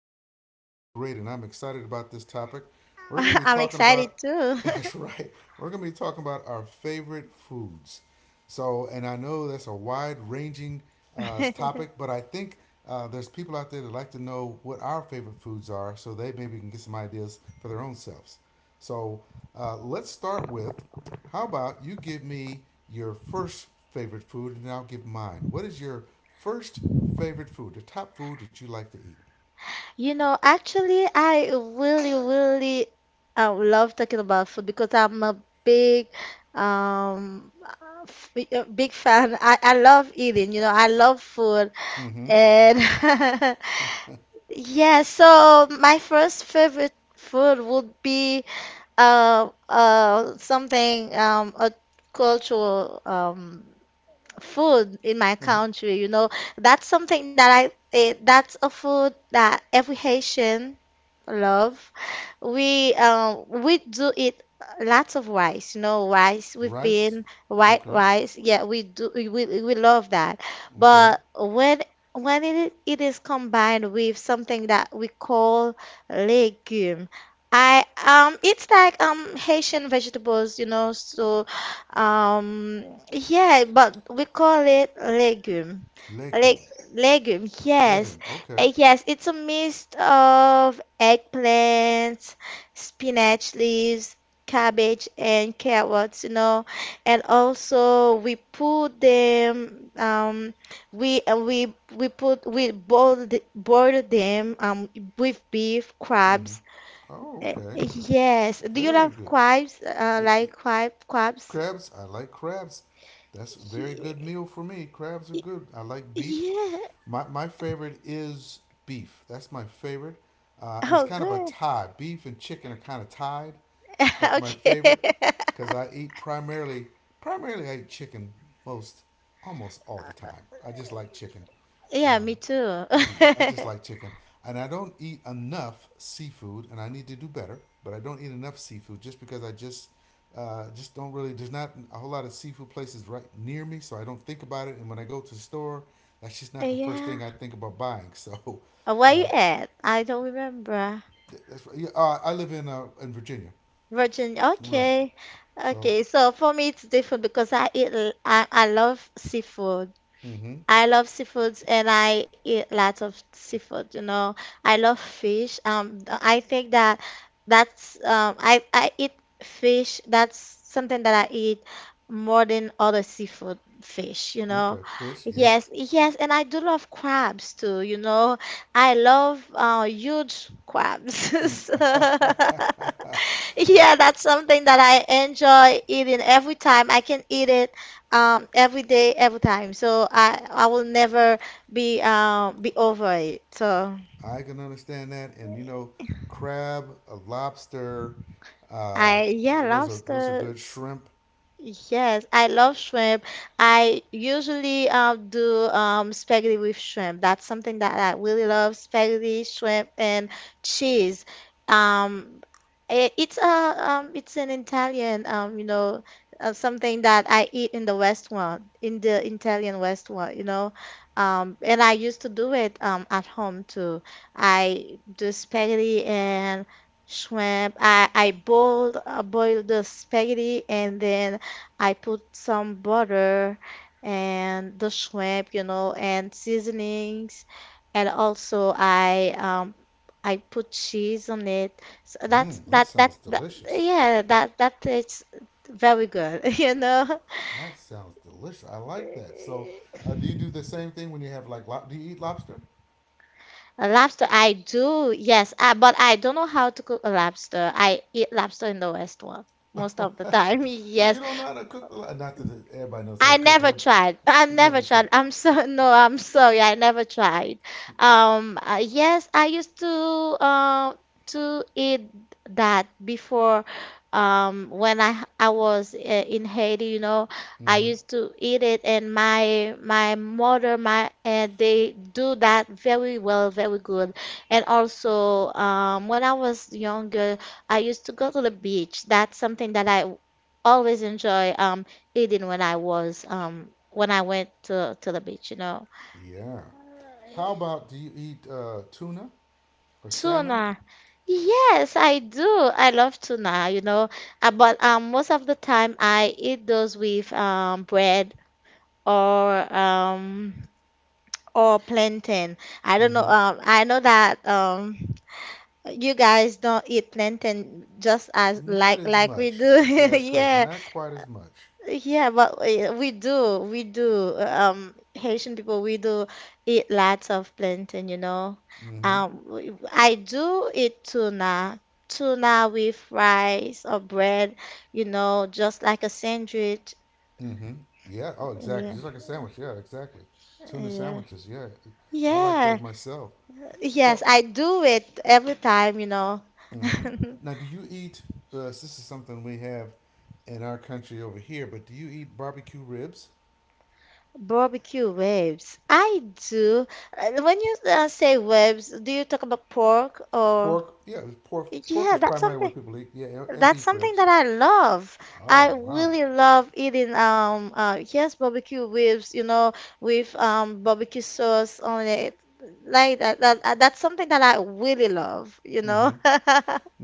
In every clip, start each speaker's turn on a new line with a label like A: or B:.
A: I am doing great and I'm excited about this topic. We're going to be
B: I'm
A: talking
B: excited
A: about,
B: too.
A: that's right, we're going to be talking about our favorite foods. So, and I know that's a wide ranging topic, but I think there's people out there that like to know what our favorite foods are so they maybe can get some ideas for their own selves. So, let's start with how about you give me your first favorite food and then I'll give mine. What is your first favorite food, the top food that you like to eat?
B: I really love talking about food because I'm a um, uh, big fan. I love eating. You know, I love food,
A: Mm-hmm.
B: and yeah. So my first favorite food would be something a cultural food in my country. You know, that's something that that's a food that every Haitian love. We we do it lots of rice. You know, rice. We've
A: Rice.
B: been white
A: Okay.
B: rice. Yeah, we do we love that.
A: Okay.
B: But when it is combined with something that we call legume. I it's like Haitian vegetables, you know, so um yeah, but we call it legume. Leg
A: Legume.
B: Legume, yes.
A: Legume. Okay.
B: Yes, it's a mist of eggplants, spinach leaves, cabbage and carrots, you know. And also we put them we put we boil the- boil them with beef, crabs.
A: Oh, okay.
B: Yes. Do you
A: Very
B: love
A: good.
B: crabs?
A: Eh, eh,
B: Like crabs?
A: crabs. I like crabs. That's a very good
B: Ye-
A: meal for me. Crabs are good. I like beef.
B: Yeah.
A: My favorite is beef. That's my favorite. And it's
B: Oh,
A: kind of a
B: good.
A: tie. Beef and chicken are kind of tied as for my
B: Okay.
A: favorite because I eat primarily I eat chicken most almost all the time. I just like chicken.
B: Yeah, me
A: Um,
B: too.
A: Yeah, I just like chicken. And I don't eat enough seafood, and I need to do better, but I don't eat enough seafood just because I just don't really, there's not a whole lot of seafood places right near me, so I don't think about it. And when I go to the store, that's just not the first thing
B: Yeah.
A: I think about buying. So,
B: Where you
A: uh,
B: at? I don't remember.
A: that's right. Yeah, I live in in Virginia.
B: Virginia.
A: Right.
B: Okay.
A: So,
B: Okay. So for me, it's different because I love seafood.
A: mm-hmm.
B: I love seafoods and I eat lots of seafood, you know. I love fish. I think that that's I eat fish. That's something that I eat more than other seafood fish, you know.
A: Okay, fish, yep.
B: Yes, yes, and I do love crabs too, you know. I love huge
A: Mm.
B: crabs. Yeah, that's something that I enjoy eating every time I can eat it every day, every time. So I will never be over it. So
A: I can understand that, and crab, a lobster, uh,
B: I yeah,
A: those are
B: lobster.
A: good. Shrimp.
B: Yes, I love shrimp. I usually do spaghetti with shrimp. That's something that I really love, spaghetti, shrimp, and cheese. Um, it's a it's an Italian, you know, something that I eat in the restaurant, in the Italian restaurant, you know. And I used to do it at home too. I do spaghetti and shrimp. I boil the spaghetti and then I put some butter and the shrimp, you know, and seasonings, and also I put cheese on it. So that's
A: That
B: that that,
A: sounds
B: that
A: delicious.
B: yeah, that is very good, you know.
A: That sounds delicious. I like that. So, do you do the same thing when you have like lob? Do you eat lobster?
B: A lobster, I do, yes, I, but I don't know how to cook a lobster. I eat lobster in the restaurant most of the time.
A: you
B: Yes,
A: don't know how to cook the not that everybody knows how to
B: I
A: cook. 'Cause
B: never
A: everybody-
B: tried. I
A: You
B: never
A: never tried.
B: tried. I'm so no, I'm sorry. I never tried. Yes, I used uh, to eat that before. When I was in Haiti, you know, I
A: Mm-hmm.
B: used to eat it, and my mother, my and they do that very well, very good. And also, when I was younger, I used to go to the beach. That's something that I always enjoy. Eating when I was when I went to the beach, you know.
A: Yeah. How about do you eat tuna or salmon?
B: Tuna. Yes, I do. I love tuna, you know. But most of the time I eat those with bread or um or plantain.
A: Mm-hmm.
B: I know that you guys don't eat plantain just as
A: Not as
B: like we
A: much.
B: do.
A: That's correct.
B: Yeah.
A: Not quite as much.
B: Yeah, but we do, we do. Haitian people, we do eat lots of plantain, you know.
A: Mm-hmm.
B: I do eat tuna, tuna with rice or bread, you know, just like a sandwich.
A: Mm-hmm. Yeah. Oh, exactly.
B: Yeah.
A: Just like a sandwich. Yeah, exactly. Tuna sandwiches. Yeah, I like those
B: Yeah.
A: myself.
B: Yes,
A: So,
B: I do it every time, you know.
A: hmm now, do you eat? This is something we have in our country over here. But do you eat barbecue ribs?
B: Barbecue ribs. I do. When you say ribs, do you talk about pork or?
A: Pork. Yeah, it was pork. Pork
B: Yeah,
A: is
B: that's
A: primarily
B: something.
A: what people eat. Yeah, and
B: That's
A: beef
B: something
A: ribs.
B: that I love.
A: Oh
B: I
A: my.
B: really love eating yes barbecue ribs, you know, with barbecue sauce on it. Like that, that's something that I really love, you know.
A: hmm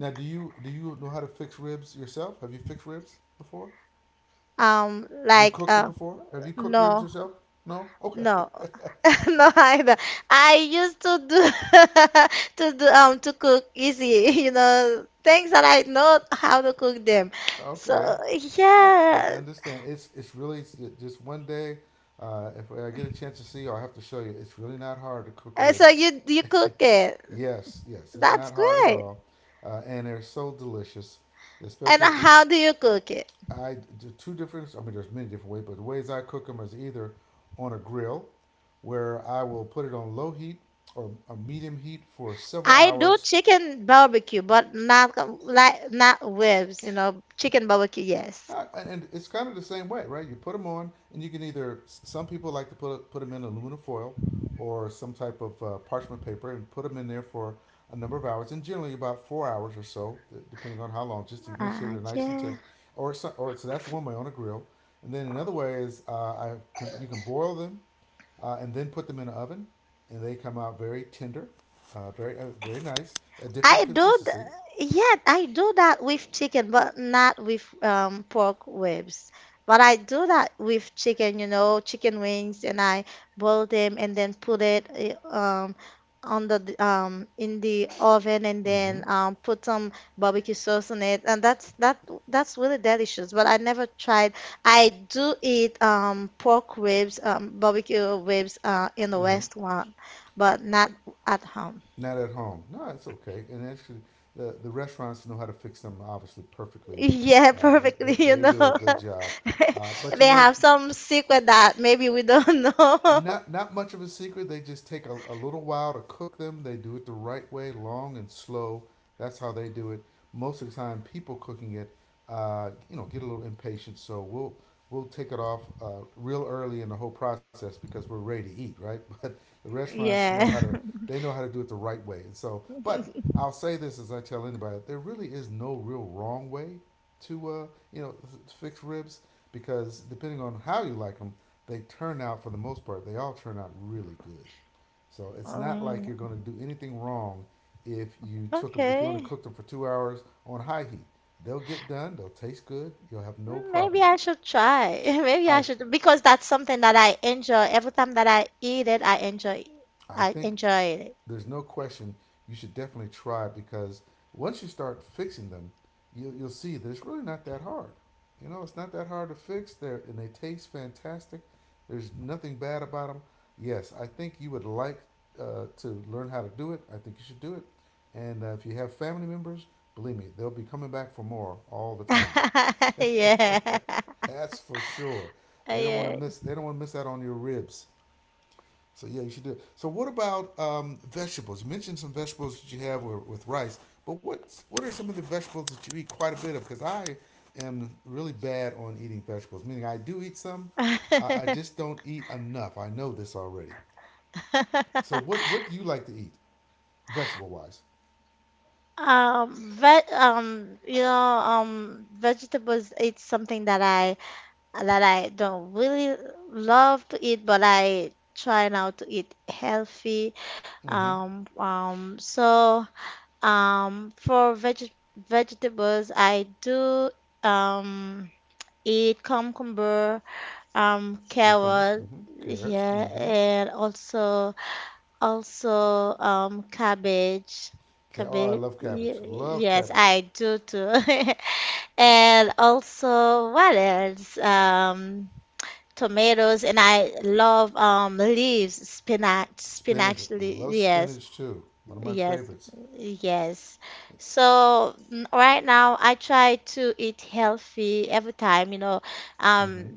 A: Now, do you know how to fix ribs yourself? Have you fixed ribs before?
B: Um
A: Have you
B: like
A: cooked them
B: uh
A: before? Have you cooked ribs
B: no,
A: yourself? No. Okay.
B: no. No either. I used to do to do to cook easy, you know, things that I know how to cook them. So
A: Okay. I
B: yeah.
A: understand. It's really just one day. If I get a chance to see you, I have to show you. It's really not hard to cook
B: So
A: ribs.
B: you cook it.
A: Yes, yes,
B: So
A: it's
B: that's
A: not hard at
B: great.
A: all, and they're so delicious.
B: And
A: Especially if you,
B: how do you cook it?
A: I do two different. I mean, there's many different ways, but the ways I cook them is either on a grill, where I will put it on low heat or a medium heat for several
B: I do
A: hours.
B: chicken barbecue, but not com- like not ribs, you know, chicken barbecue, yes.
A: And it's kind of the same way, right? You put them on, and you can either some people like to put them in aluminum foil or some type of parchment paper and put them in there for a number of hours, and generally about 4 hours or so, depending on how long, just to make sure they're nice and
B: Okay.
A: temp. Or so, that's one way on a grill, and then another way is you can boil them and then put them in an oven, and they come out very tender, very nice, a different
B: I do,
A: consistency.
B: yeah, I do that with chicken, but not with pork ribs. But I do that with chicken, you know, chicken wings, and I boil them and then put it in the oven, and
A: Mm-hmm.
B: then put some barbecue sauce on it, and that's really delicious. But I never tried. I do eat pork ribs, barbecue ribs, in the
A: Mm-hmm.
B: restaurant, but not at home.
A: Not at home. No, it's okay. And actually, the restaurants know how to fix them obviously perfectly.
B: Yeah,
A: Uh, they,
B: perfectly,
A: they
B: you
A: they
B: know.
A: do a good job. But
B: They have some secret that maybe we don't know.
A: not much of a secret. They just take a little while to cook them. They do it the right way, long and slow. That's how they do it. Most of the time, people cooking it, get a little impatient. So we'll take it off real early in the whole process because we're ready to eat, right? But the restaurants know
B: Yeah.
A: how to do it the right way. And so, but I'll say this as I tell anybody, there really is no real wrong way to you know fix ribs because depending on how you like them, they turn out for the most part. They all turn out really good. So it's not like
B: Um,
A: you're going to do anything wrong if you took them. If you only
B: okay.
A: cooked them for 2 hours on high heat, they'll get done. They'll taste good. You'll have no
B: Mm, maybe
A: problem.
B: I should try. Maybe I
A: I
B: should, because that's something that I enjoy. Every time that I eat it,
A: I
B: I
A: think
B: enjoy it.
A: there's no question you should definitely try because once you start fixing them, you'll see that it's really not that hard. It's not that hard to fix. There and they taste fantastic. There's nothing bad about them. Yes, I think you would like to learn how to do it. I think you should do it. And if you have family members, believe me, they'll be coming back for more all the time.
B: Yeah.
A: That's for sure. They don't want to
B: Yeah.
A: miss. They don't want to miss out on your ribs. So yeah, you should do it. So what about vegetables? You mentioned some vegetables that you have with, rice, but what are some of the vegetables that you eat quite a bit of? Because I am really bad on eating vegetables. Meaning I do eat some, I just don't eat enough. I know this already. So what do you like to eat, vegetable wise?
B: Ve You know, vegetables, it's something that I don't really love to eat, but I try now to eat healthy.
A: Mm-hmm.
B: So for vegetables, I do um, eat cucumber,
A: Cucumbers.
B: carrot,
A: Mm-hmm. Carrots.
B: yeah,
A: Mm-hmm.
B: and also cabbage.
A: Oh, I
B: Cabbage,
A: love cabbage. Love
B: Yes,
A: cabbage.
B: I do too. And also, what else? Tomatoes, and I love leaves, spinach,
A: Spinach.
B: spinach.
A: Love
B: Yes,
A: spinach too. One of my
B: yes,
A: favorites.
B: yes. So right now I try to eat healthy every time. You know, um
A: Mm-hmm.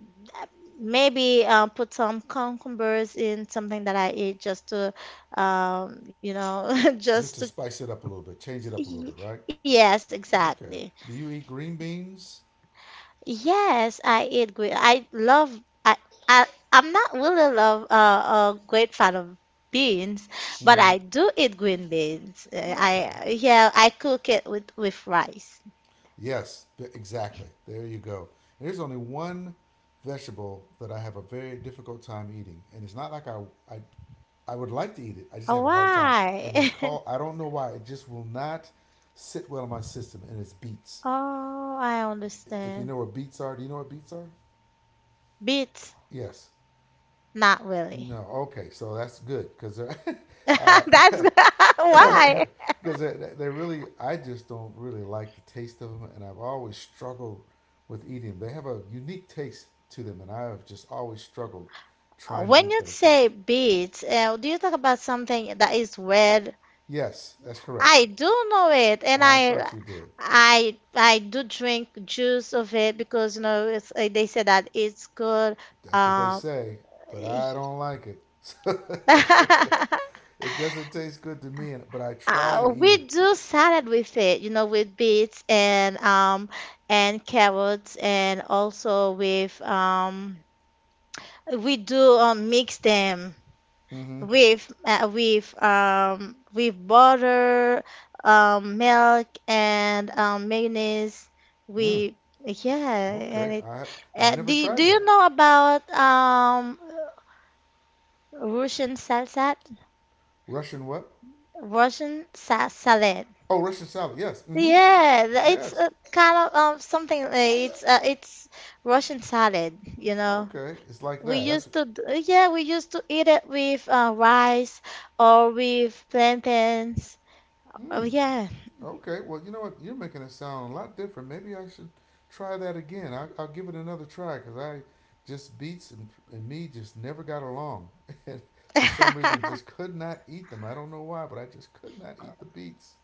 B: maybe put some cucumbers in something that I eat just to um you know just
A: Just to
B: to.
A: spice it up a little bit, change it up a little
B: y-
A: bit, right?
B: Yes, exactly.
A: Okay. Do you eat green beans?
B: Yes, I eat great. I love. I, I I'm not really love a great fan of beans, but
A: Mm-hmm.
B: I do eat green beans.
A: Okay.
B: I Yeah, I cook it with rice.
A: Yes, exactly. There you go. And there's only one vegetable that I have a very difficult time eating, and it's not like I, I would like to eat it. I just
B: Oh,
A: have a hard time, and it's
B: why?
A: called I don't know why it just will not sit well in my system, and it's beets.
B: Oh, I
A: If you
B: understand.
A: know what beets are, do you know what beets are?
B: Beets,
A: Yes.
B: not really.
A: No, okay, so that's good because
B: That's why.
A: because they really I just don't really like the taste of them, and I've always struggled with eating them. They have a unique taste to them, and I have just always struggled trying to
B: When
A: eat
B: you
A: those
B: say
A: things.
B: beets, do you talk about something that is red?
A: Yes, that's correct.
B: I do know it,
A: I thought you did.
B: I do drink juice of it because you know it's, they say that it's good.
A: That's what they
B: Um,
A: say, but I don't like it. It doesn't taste good to me, and but I try to
B: uh,
A: eat
B: we
A: it.
B: do salad with it, you know, with beets and carrots, and also with we do mix them
A: hmm
B: with butter, milk and mayonnaise. With yeah, and
A: Okay,
B: it.
A: I've never
B: Do
A: tried
B: you
A: that
B: know about Russian salsa?
A: Russian what?
B: Russian sa salad.
A: Oh, Russian salad. Yes. Mm-hmm.
B: Yeah, it's
A: Yes.
B: kind of something it's Russian salad, you know.
A: Okay. It's like
B: We
A: that.
B: used
A: That's
B: to d- Yeah, we used to eat it with rice or with plantains. Oh
A: mm,
B: yeah.
A: okay. Well, you know what? You're making it sound a lot different. Maybe I should try that again. I'll give it another try because I just beets and me just never got along, and for some reason just could not eat them. I don't know why, but I just could not eat the beets.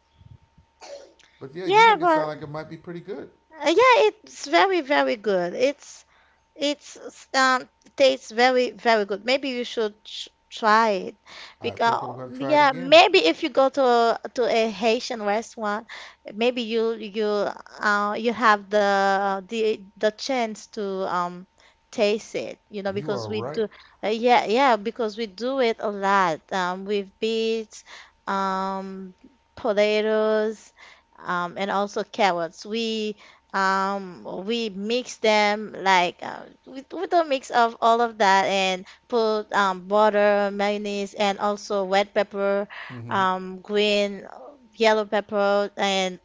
A: But yeah, you
B: Yeah,
A: make it sound
B: but
A: like it might be pretty good.
B: yeah, it's very, very good. It's um tastes very, very good. Maybe you should try it,
A: I think I'm
B: because
A: gonna try it
B: yeah,
A: again.
B: maybe if you go to to a Haitian restaurant, maybe you you have the chance to um taste it. You know,
A: You
B: because
A: are
B: we do
A: right.
B: yeah, yeah, because we do it a lot with beets, um potatoes, and also carrots. We mix them like we do a mix of all of that and put butter, mayonnaise, and also red pepper,
A: Mm-hmm.
B: green, yellow pepper, and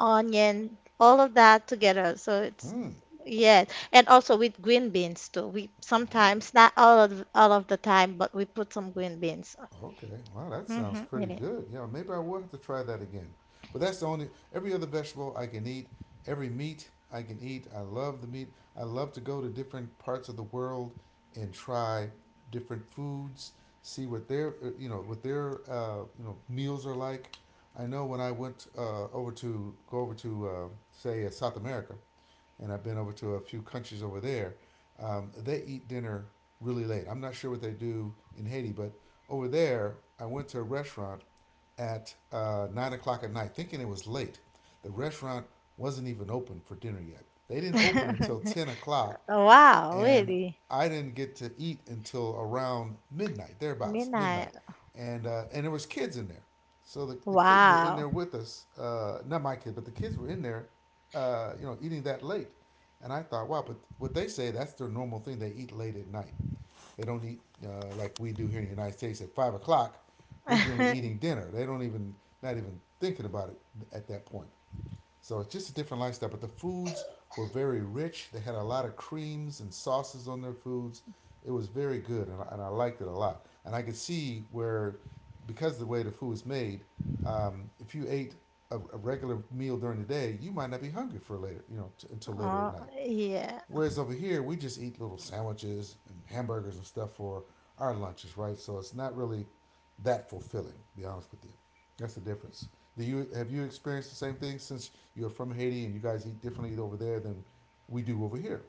B: onion, all of that together. So it's
A: Hmm.
B: yes, and also with green beans too. We
A: Okay.
B: sometimes, not all of the time, but we put some green beans
A: Okay. Wow, that sounds pretty
B: in
A: good. Yeah, maybe I will have to try that again. But that's the only every other vegetable I can eat, every meat I can eat. I love the meat. I love to go to different parts of the world and try different foods, see what their meals are like. I know when I went over to, say, South America, and I've been over to a few countries over there. They eat dinner really late. I'm not sure what they do in Haiti, but over there, I went to a restaurant at 9 o'clock at night, thinking it was late. The restaurant wasn't even open for dinner yet. They didn't open until
B: it.
A: 10 o'clock,
B: Wow,
A: and
B: really?
A: I didn't get to eat until around midnight, thereabouts, midnight,
B: Midnight.
A: and there was kids in there, so the kids were in
B: Wow.
A: there with us, not my kids, but the kids were in there, eating that late, and I thought, wow, but what they say that's their normal thing, they eat late at night, they don't eat like we do here in the United States at 5 o'clock, we're generally eating dinner, they don't even not even thinking about it at that point, so it's just a different lifestyle. But the foods were very rich. They had a lot of creams and sauces on their foods. It was very good, and I liked it a lot. And I could see where, because of the way the food was made, if you ate a regular meal during the day, you might not be hungry for later, until later at
B: Oh,
A: night.
B: yeah.
A: Whereas over here, we just eat little sandwiches and hamburgers and stuff for our lunches, right? So it's not really that fulfilling. To be honest with you, that's the difference. Do you have you experienced the same thing since you're from Haiti and you guys eat differently over there than we do over here?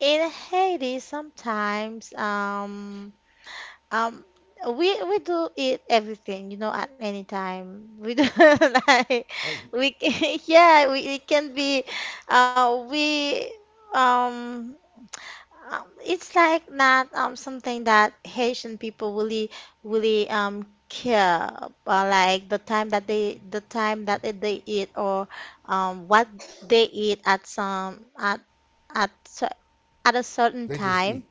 B: In Haiti, sometimes um we do eat everything, you know, at any time. We do like
A: Oh,
B: we can, yeah, we it can be we um it's like not something that Haitian people really really care about, like the time that they eat or what they eat at some at
A: they just eat. You're
B: at a
A: saying you guys
B: certain
A: just eat.
B: time,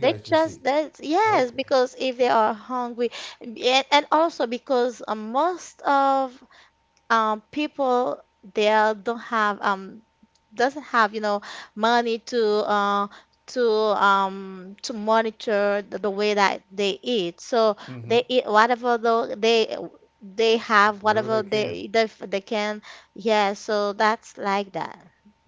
B: they just that, yes, because if they are hungry, and also because most of people there don't have doesn't have, you know, money to uh, to monitor the way that they eat, so
A: Mm-hmm.
B: they eat whatever though they have
A: Whatever they
B: whatever
A: can.
B: they can, yeah, so that's like that.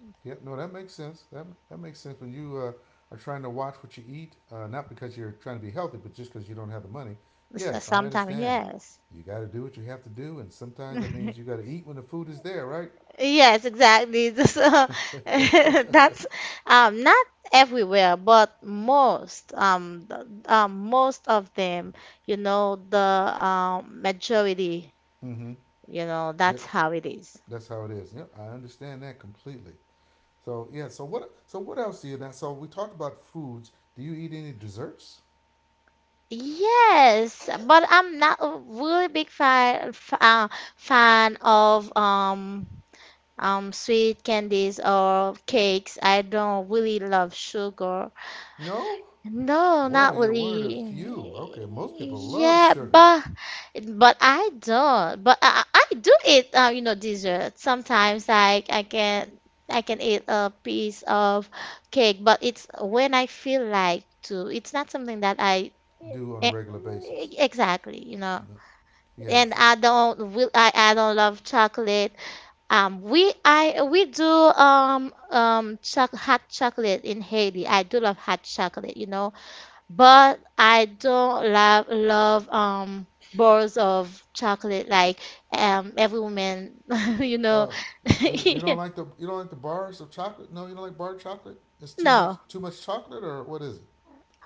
A: Yeah, no, that makes sense. That that makes sense when you are trying to watch what you eat, not because you're trying to be healthy, but just because you don't have the money. Yes, I
B: Sometimes
A: understand.
B: yes.
A: You got to do what you have to do, and sometimes that means you got to eat when the food is there, right?
B: Yes, exactly. This, that's not everywhere, but most, most of them, you know, the majority,
A: Mm-hmm.
B: you know,
A: Yeah,
B: that's how it is.
A: that's how it is. Yep, I understand that completely. So yeah, so what else do you that? So we talked about foods. Do you eat any desserts?
B: Yes, but I'm not a really big fan of sweet candies or cakes. I don't really love sugar.
A: No.
B: No, not
A: Well, you're one of the
B: really.
A: few. Okay, most people love
B: Yeah,
A: sugar.
B: but I don't. But I, I do eat you know, dessert sometimes. Like I can eat a piece of cake, but it's when I feel like to. It's not something that I
A: Do on a
B: e-
A: regular basis.
B: exactly, you know.
A: No.
B: And
A: Yes,
B: I don't love chocolate. We do choc hot chocolate in Haiti. I do love hot chocolate. You know, but I don't love bars of chocolate like every woman you know.
A: Uh, you don't like the you don't like the bars of chocolate? No, you don't like bar chocolate. It's too much
B: No.
A: too much chocolate, or what is it?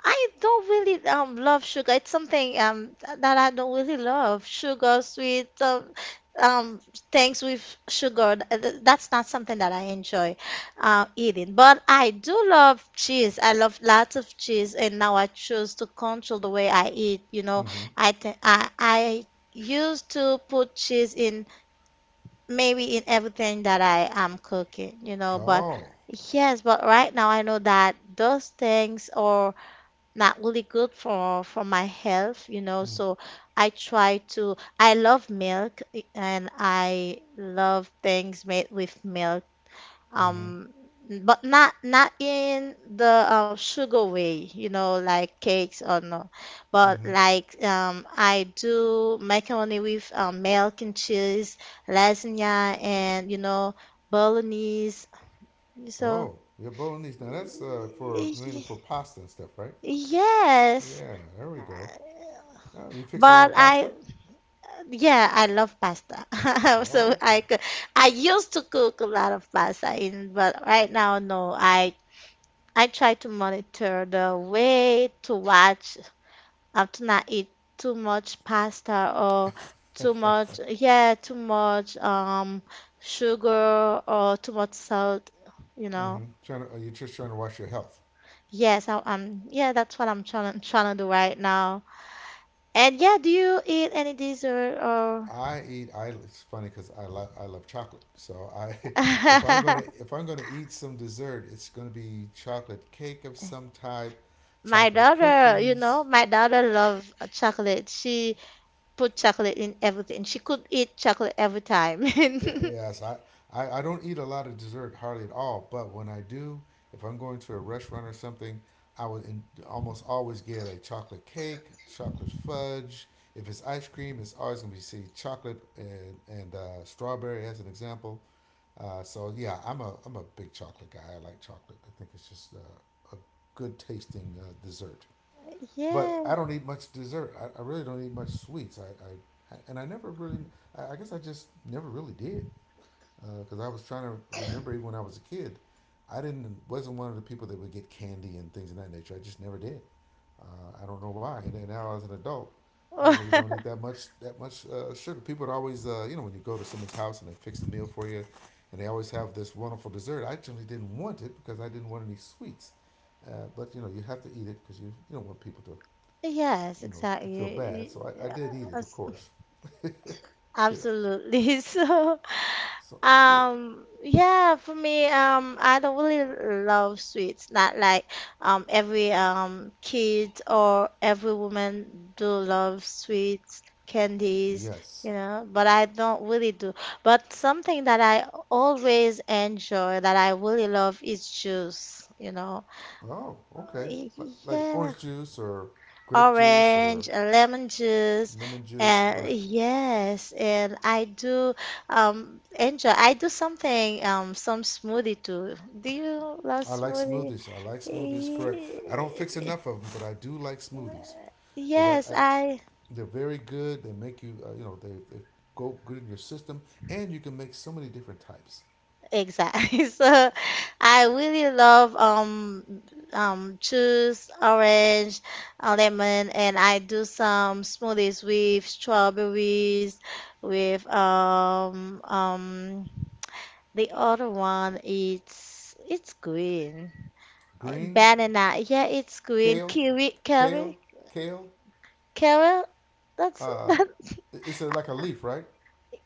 B: I don't really love sugar. It's something that I don't really love. Sugar, sweet, um things with sugar. That's not something that I enjoy eating. But I do love cheese. I love lots of cheese, and now I choose to control the way I eat. You know,
A: Mm-hmm.
B: I th I used to put cheese in maybe in everything that I am cooking. You know, but
A: Oh,
B: yes, but right now I know that those things are not really good for my health, you know.
A: mm,
B: So I try to I love milk, eh, and I love things made with milk.
A: mm-hmm,
B: Um, but not in the sugar way, you know, like cakes or no. But
A: mm-hmm.
B: like I do macaroni with milk and cheese, lasagna, and you know, bolognese. So
A: Oh, yeah, bolognese. Now that's for
B: y-
A: mainly for
B: y-
A: pasta and stuff, right?
B: yes.
A: Yeah, there we go. Oh, you fix a lot
B: But
A: of pasta.
B: I Yeah, I love pasta. So
A: Oh,
B: I
A: okay.
B: could, I used to cook a lot of pasta in, but right now, no. I try to monitor the weight, to watch, to not eat too much pasta or too much, yeah, too much sugar or too much salt, you know.
A: Mm-hmm. Trying to, are you just trying to watch your health?
B: Yes, yeah, that's what I'm trying to do right now. And yeah, do you eat any dessert or
A: I eat. I it's funny because I love chocolate. So I, if I'm gonna if I'm gonna eat some dessert, it's gonna be chocolate cake of some type,
B: my
A: chocolate
B: daughter, you know,
A: cookies,
B: my daughter love chocolate. She put chocolate in everything. She could eat chocolate every time.
A: Y- Yes, I don't eat a lot of dessert hardly at all, but when I do, if I'm going to a restaurant or something, almost always get a chocolate cake, chocolate fudge. If it's ice cream, it's always going to be see chocolate and strawberry as an example. So yeah, I'm a big chocolate guy. I like chocolate. I think it's just a good tasting dessert. But
B: Yeah,
A: I don't eat much dessert. I really don't eat much sweets. I and I never really. I guess I just never really did because I was trying to remember even when I was a kid, I didn't wasn't one of the people that would get candy and things of that nature. I just never did. I don't know why. And then now as an adult, I really don't eat that much sugar. People would always, when you go to someone's house and they fix the meal for you, and they always have this wonderful dessert. I generally didn't want it because I didn't want any sweets. But you know, you have to eat it because you don't want people to
B: yes,
A: to
B: exactly.
A: feel bad. So I did eat it,
B: Yeah,
A: of course. Hit it.
B: absolutely. So,
A: So yeah,
B: yeah, for me, I don't really love sweets. Not like every kid or every woman do love sweets, candies,
A: yes.
B: you know, but I don't really do. But something that I always enjoy, that I really love, is juice, you know.
A: Oh,
B: Uh,
A: okay.
B: Y-
A: Like
B: Yeah,
A: orange juice or grape juice or
B: orange, lemon juice,
A: lemon juice,
B: and
A: right?
B: yes, and I do enjoy. I do something, some smoothie too. Do you love
A: I like
B: smoothie?
A: smoothies. I like smoothies, correct. I don't fix
B: Ye-
A: enough of them, but I do like smoothies. Cause
B: Yes,
A: I
B: I
A: they're very good. They make you, they go good in your system, and you can make so many different types.
B: exactly. So I really love juice, orange, lemon, and I do some smoothies with strawberries, with the other one, it's green.
A: Green,
B: Banana. Yeah, it's green.
A: kale,
B: Kiwi,
A: kale,
B: kiwi,
A: kale.
B: kiwi. That's
A: Uh,
B: that.
A: it's a, like a leaf, right?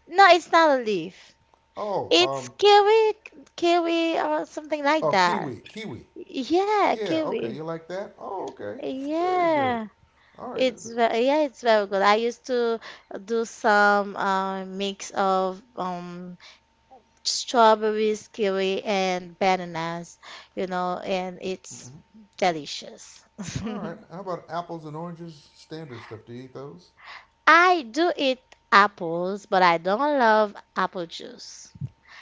B: No, it's not a leaf.
A: Oh,
B: It's kiwi, kiwi or something like
A: oh,
B: that.
A: kiwi, kiwi.
B: Yeah,
A: Yeah, okay.
B: kiwi.
A: You like that? Oh, okay. Very good.
B: Yeah.
A: All right.
B: It's very, yeah, it's very good. I used to do some mix of strawberries, kiwi, and bananas, you know, and it's delicious.
A: All right. How about apples and oranges? Standard stuff. Do you eat those?
B: I do eat apples, but I don't love apple juice.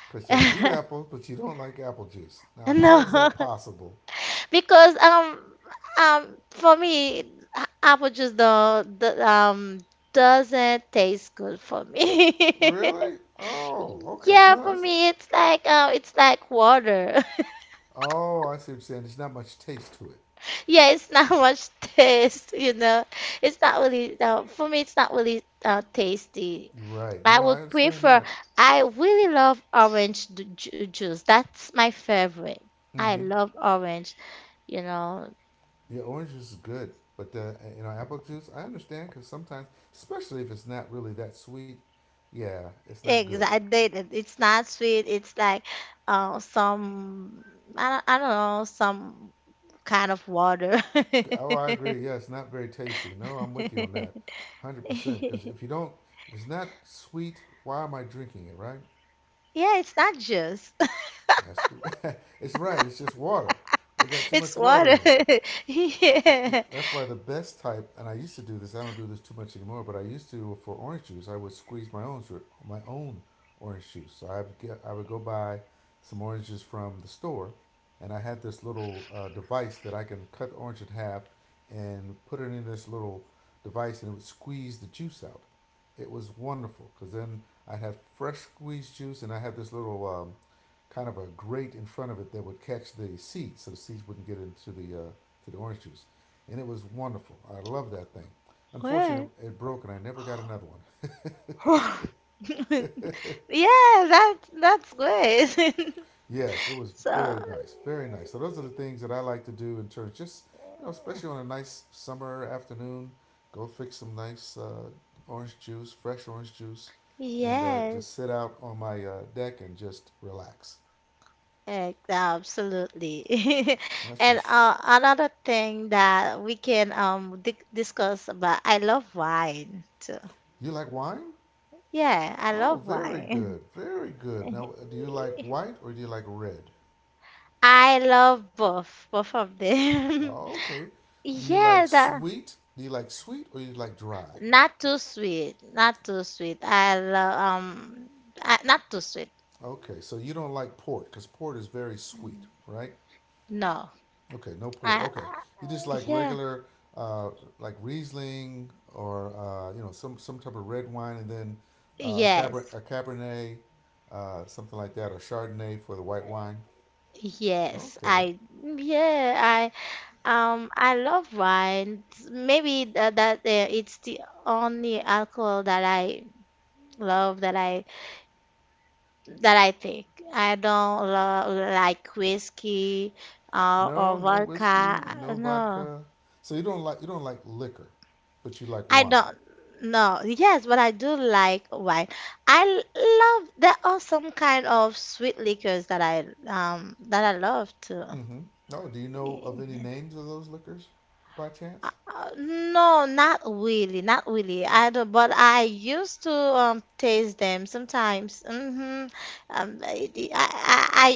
A: Okay, so you eat apples, but you don't like apple juice. Now, how
B: No,
A: is that possible?
B: because for me apple juice don't d- doesn't taste good for me.
A: Really? Oh, okay.
B: Yeah,
A: No,
B: for
A: that's.
B: me it's like water.
A: Oh, I see what you're saying. There's not much taste to it.
B: Yeah, it's not much taste, you know. It's not really, for me, it's not really tasty.
A: Right.
B: I
A: No, I
B: would
A: understand
B: prefer,
A: that.
B: I really love orange juice. That's my favorite. I
A: Mm-hmm.
B: love orange, you know.
A: Yeah, orange juice is good, but you know, apple juice. I understand because sometimes, especially if it's not really that sweet, yeah, it's not good.
B: Exactly. It's not sweet. It's like, some, I don't know, some kind of water.
A: Oh, I agree. Yeah, it's not very tasty. No, I'm with you on that, 100%. Because if you don't, if it's not sweet, why am I drinking it? Right?
B: Yeah, it's not juice.
A: That's it's right. It's just water. They got too
B: It's
A: much water in
B: water.
A: it.
B: Yeah.
A: That- That's why the best type, and I used to do this. I don't do this too much anymore, but I used to for orange juice. I would squeeze my own orange juice. So I would go buy some oranges from the store, and I had this little device that I can cut the orange in half and put it in this little device, and it would squeeze the juice out. It was wonderful because then I had fresh squeezed juice, and I had this little kind of a grate in front of it that would catch the seeds, so the seeds wouldn't get into the to the orange juice and it was wonderful. I love that thing.
B: Where?
A: Unfortunately, it broke and I never got another one.
B: Yeah, that that's good.
A: Yes, it was
B: So,
A: very nice, very nice. So those are the things that I like to do in terms. Just you know, especially on a nice summer afternoon, go fix some nice orange juice, fresh orange juice, and just
B: yes.
A: sit out on my deck and just relax.
B: Absolutely.
A: That's for
B: And
A: sure.
B: another thing that we can di discuss about, I love wine too.
A: You like wine?
B: Yeah, I
A: Oh,
B: love
A: very
B: wine.
A: good, very good. Now, do you like white or do you like red?
B: I love both, both of them.
A: Oh, okay. Do you like
B: Yeah, that
A: sweet? Do you like sweet or You like dry?
B: Not too sweet, not too sweet. I love not too sweet.
A: Okay, so you don't like port because port is very sweet, right?
B: No,
A: Okay, no port.
B: I,
A: Okay,
B: I
A: you just like
B: yeah,
A: regular, uh, like Riesling or you know some type of red wine, and then Caber-
B: yes,
A: a Cabernet, something like that, or Chardonnay for the white wine.
B: yes.
A: Okay,
B: I I love wine. Maybe that, that it's the only alcohol that I love that I take. I don't lo like whiskey or
A: no, no whiskey,
B: vodka.
A: no
B: No.
A: vodka. So you don't like liquor, but you like
B: I
A: wine.
B: don't know. Yes, but I do like wine. I l- love there are some kind of sweet liquors that I love too.
A: Mm-hmm. Oh, do you know of
B: Yeah.
A: any names of those liquors by chance?
B: Uh, no, not really, not really. I don't, but I used to taste them sometimes. I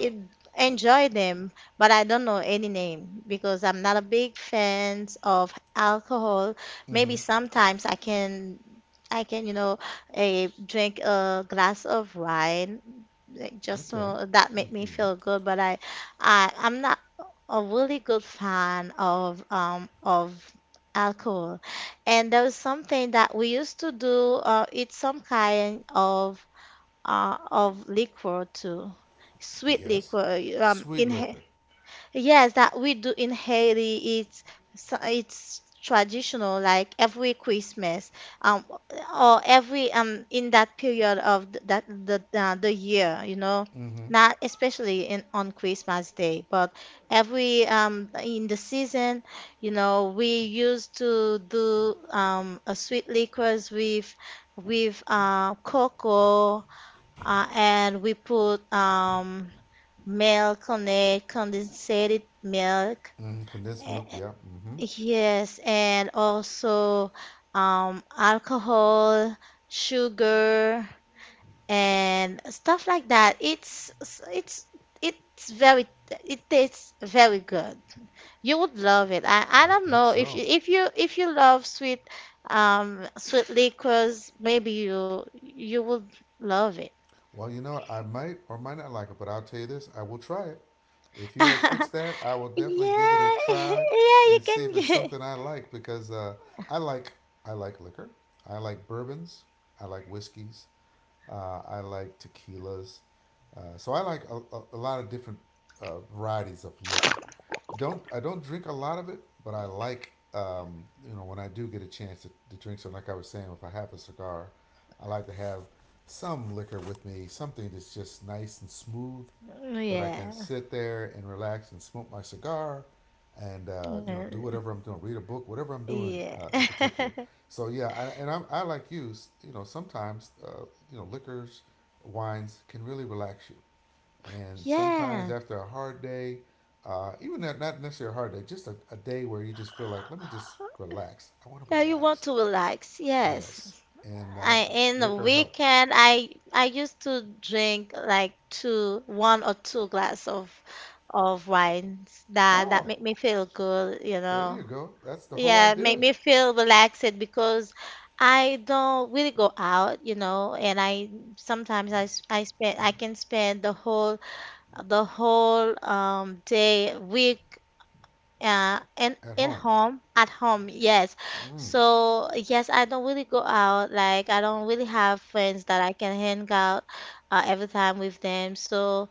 B: enjoy them, but I don't know any name because I'm not a big fan of alcohol. Maybe
A: Mm-hmm.
B: sometimes I can, you know, eh, drink a glass of wine like just
A: Okay.
B: that make
A: Y-
B: me
A: Yeah.
B: feel good. But I, I'm not a really good fan of alcohol. And there was something that we used to do. It's some kind of liquor too, sweet
A: Yes.
B: liquor.
A: Sweet
B: In
A: liquor.
B: yes, that we do in Haiti, it's it's traditional, like every Christmas, um, or every in that period of that the year, you know,
A: Mm-hmm.
B: not especially in on Christmas Day, but every in the season, you know, we used to do a sweet liquors with cocoa, and we put milk, connect condensated milk,
A: Mm-hmm. Condensed
B: eh,
A: milk. Yeah. Mm-hmm.
B: yes, and also alcohol, sugar, and stuff like that. It's it's it's very, it tastes very good. You would love it. I
A: I
B: don't
A: think
B: know if
A: so.
B: you love sweet sweet liquors. Maybe you would love it.
A: Well, you know, what? I might or might not like it, but I'll tell you this: I will try it. If you had fixed
B: Yeah,
A: that, I will definitely give it a try
B: yeah, you
A: and see
B: can
A: if it's
B: get.
A: something I like because I like I like liquor. I like bourbons. I like whiskeys. I like tequilas. So I like a lot of different varieties of liquor. Don't I don't drink a lot of it, but I like you know when I do get a chance to drink some. Like I was saying, if I have a cigar, I like to have some liquor with me, something that's just nice and smooth that I can
B: yeah
A: sit there and relax and smoke my cigar and you
B: Uh,
A: know do whatever I'm doing, read a book, whatever I'm doing
B: yeah.
A: in particular. So yeah, I like you. S- You know, sometimes you know liquors, wines can really relax you. And sometimes
B: Yeah.
A: after a hard day, even not, not necessarily a hard day, just a day where you just feel like, let me just relax. I want to
B: Yeah, you want
A: relax.
B: to relax. Yes.
A: Yes, and
B: I in the
A: liquor helps.
B: weekend I used to drink like one or two glass of wines that that
A: Oh,
B: make me feel good, you
A: there you
B: know.
A: go. That's the whole
B: Yeah, make
A: idea
B: me feel relaxed because I don't really go out, you know, and I sometimes I spend, I can spend the whole day, week, uh, in
A: at home.
B: at home, yes.
A: Mm.
B: So yes, I don't really go out. Like I don't really have friends that I can hang out every time with them. So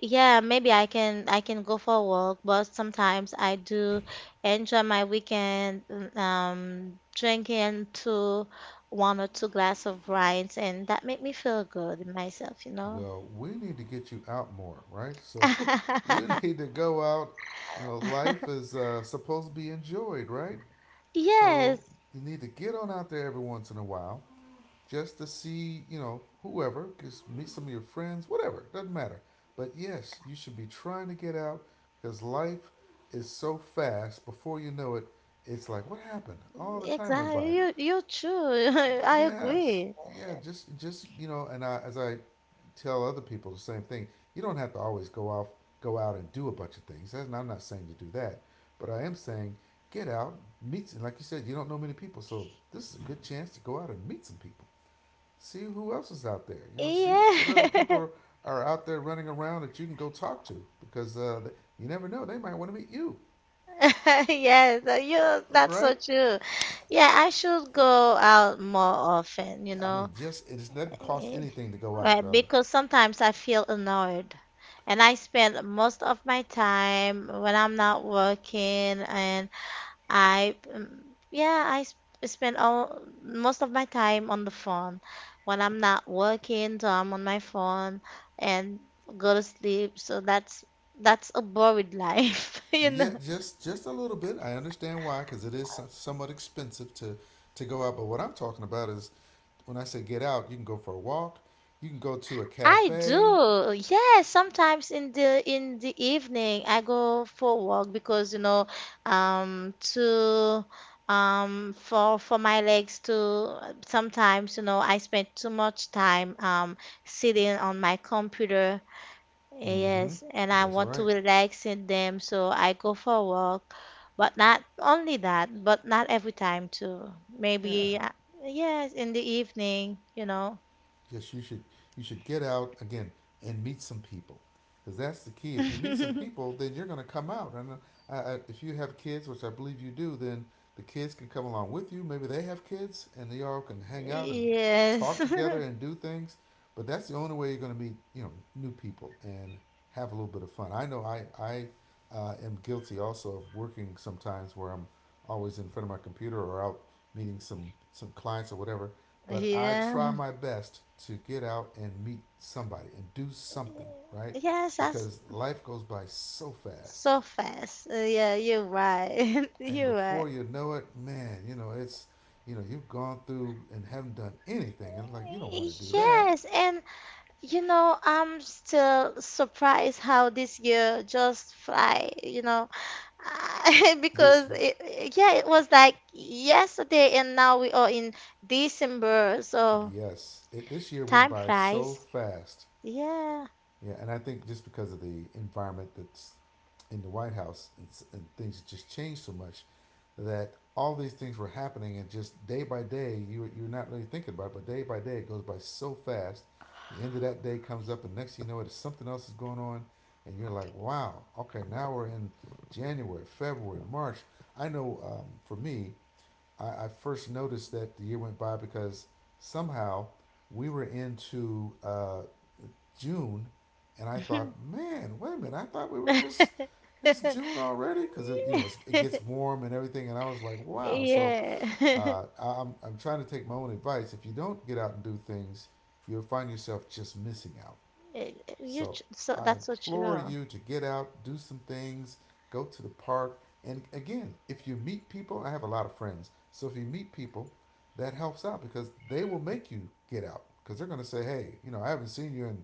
B: yeah, maybe I can go for a walk, but sometimes I do enjoy my weekend drinking two one or two glass of wines, and that make me feel good myself, you know.
A: Well, we need to get you out more, right? So you need to go out. You know, life is supposed to be enjoyed, right? So
B: Yes.
A: you need to get on out there every once in a while just to see, you know, whoever, just meet some of your friends, whatever, doesn't matter. But yes, you should be trying to get out because life is so fast. Before you know it, it's like, what happened? All the time went by.
B: Exactly. You too. I
A: Yes.
B: agree.
A: Yeah. Just you know, and I, as I tell other people the same thing, you don't have to always go off, go out and do a bunch of things. And I'm not saying to do that, but I am saying get out, meet. And like you said, you don't know many people, so this is a good chance to go out and meet some people. See who else is out there. You know, see what other people
B: Yeah.
A: are out there running around that you can go talk to because you never know they might want to meet you,
B: Yes, you, that's so
A: right?
B: true. Yeah, I should go out more often, you
A: I mean,
B: know.
A: just it doesn't cost
B: Eh,
A: anything to go out,
B: right,
A: really.
B: because sometimes I feel annoyed. And I spend most of my time when I'm not working and I yeah, spend all, most of my time on the phone. When I'm not working, so I'm on my phone and go to sleep. So that's a boring life, you
A: Yeah,
B: know.
A: just a little bit. I understand why, because it is somewhat expensive to go out. But what I'm talking about is, when I say get out, you can go for a walk, you can go to a
B: I
A: cafe.
B: do. Yes, sometimes in the evening I go for a walk because you know to for my legs to. Sometimes you know I spend too much time sitting on my computer.
A: Mm-hmm.
B: Yes, and I
A: That's
B: want to
A: right.
B: relax in them, so I go for a walk. But not only that, but not every time too.
A: Yeah.
B: Maybe, yes, in the evening, you know.
A: Just you should You should get out again and meet some people, because that's the key. If you meet some people, then you're going to come out. If you have kids, which I believe you do, then the kids can come along with you. Maybe they have kids, and they all can hang out and
B: Yes.
A: talk together and do things. But that's the only way you're going to meet new people and have a little bit of fun. I know I am guilty also of working sometimes where I'm always in front of my computer or out meeting some clients or whatever, but I try
B: Yeah.
A: my best to get out and meet somebody and do something, right?
B: Yes, that's
A: Because life goes by so fast.
B: so fast. Yeah, you're right.
A: And
B: You're right.
A: before you know it, man, you know, it's, you know, you've gone through and haven't done anything. And like, you don't want to do that.
B: Yes, and you know, I'm still surprised how this year just fly, you know,
A: This
B: because
A: year,
B: it, yeah, it was like yesterday and now we are in December, so
A: yes, this year went
B: time
A: by so
B: flies.
A: fast.
B: Yeah.
A: Yeah, and I think just because of the environment that's in the White House and things just changed so much that all these things were happening and just day by day you're not really thinking about it, but day by day it goes by so fast. The end of that day comes up, and next thing you know it, something else is going on, and you're like, wow, okay, now we're in January, February, March. I know for me, I first noticed that the year went by because somehow we were into June, and I thought, man, wait a minute, I thought we were just it's June already because it you know it's, it gets warm and everything, and I was like, wow. So
B: Yeah.
A: I'm trying to take my own advice. If you don't get out and do things, you'll find yourself just missing out. So
B: So
A: I
B: that's so
A: implore
B: true.
A: you to get out, do some things, go to the park. And again, if you meet people, I have a lot of friends. So if you meet people, that helps out because they will make you get out because they're going to say, hey, you know, I haven't seen you in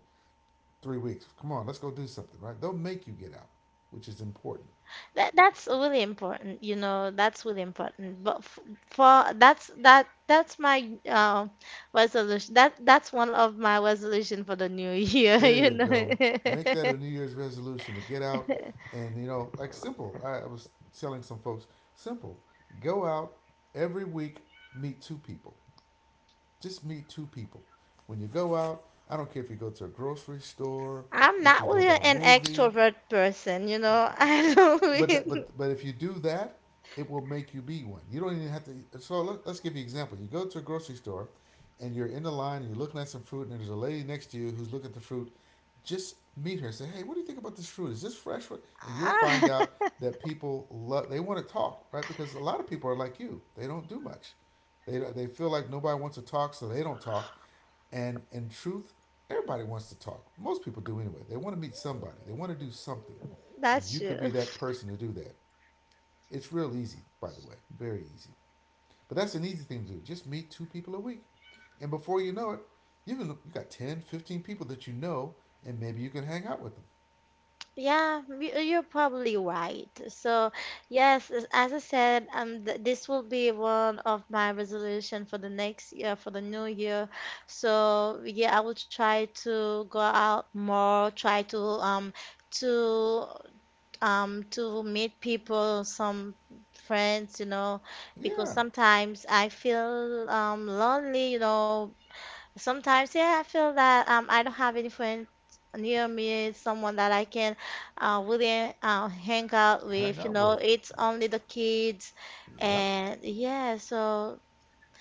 A: 3 weeks. Come on, let's go do something, right? They'll make you get out, which is important.
B: That that's really important, you know, that's really important. But f for that's that's my resolution. That's one of my resolution for the new year,
A: There
B: you
A: you
B: know.
A: go. Make that a New Year's resolution to get out. And, you know, like simple, I was telling some folks, simple, go out every week, meet two people. Just meet two people. When you go out, I don't care if you go to a grocery store,
B: I'm
A: if you
B: not
A: go
B: really
A: by a
B: an
A: movie,
B: extrovert person, you know. I don't
A: but that,
B: really,
A: but but if you do that, it will make you be one. You don't even have to. So let's give you an example. You go to a grocery store, and you're in the line and you're looking at some fruit, and there's a lady next to you who's looking at the fruit. Just meet her and say, hey, what do you think about this fruit? Is this fresh fruit? And you'll find out that people love. They want to talk, right? Because a lot of people are like you. They don't do much. They feel like nobody wants to talk, so they don't talk. And in truth, everybody wants to talk. Most people do anyway. They want to meet somebody. They want to do something. And
B: that's
A: you could
B: true.
A: be that person to do that. It's real easy, by the way, very easy. But that's an easy thing to do. Just meet two people a week. And before you know it, you got 10, 15 people that you know and maybe you can hang out with them.
B: Yeah, you- you're probably right. So, yes, as I said, th this will be one of my resolution for the next year, for the new year. So, yeah, I will try to go out more, try to to to meet people, some friends, you know, because
A: Yeah,
B: sometimes I feel lonely, you know. Sometimes, yeah, I feel that I don't have any friends near me, someone that I can really hang out
A: hang
B: with. You
A: out
B: know,
A: with.
B: it's only the kids,
A: Yep.
B: and yeah, so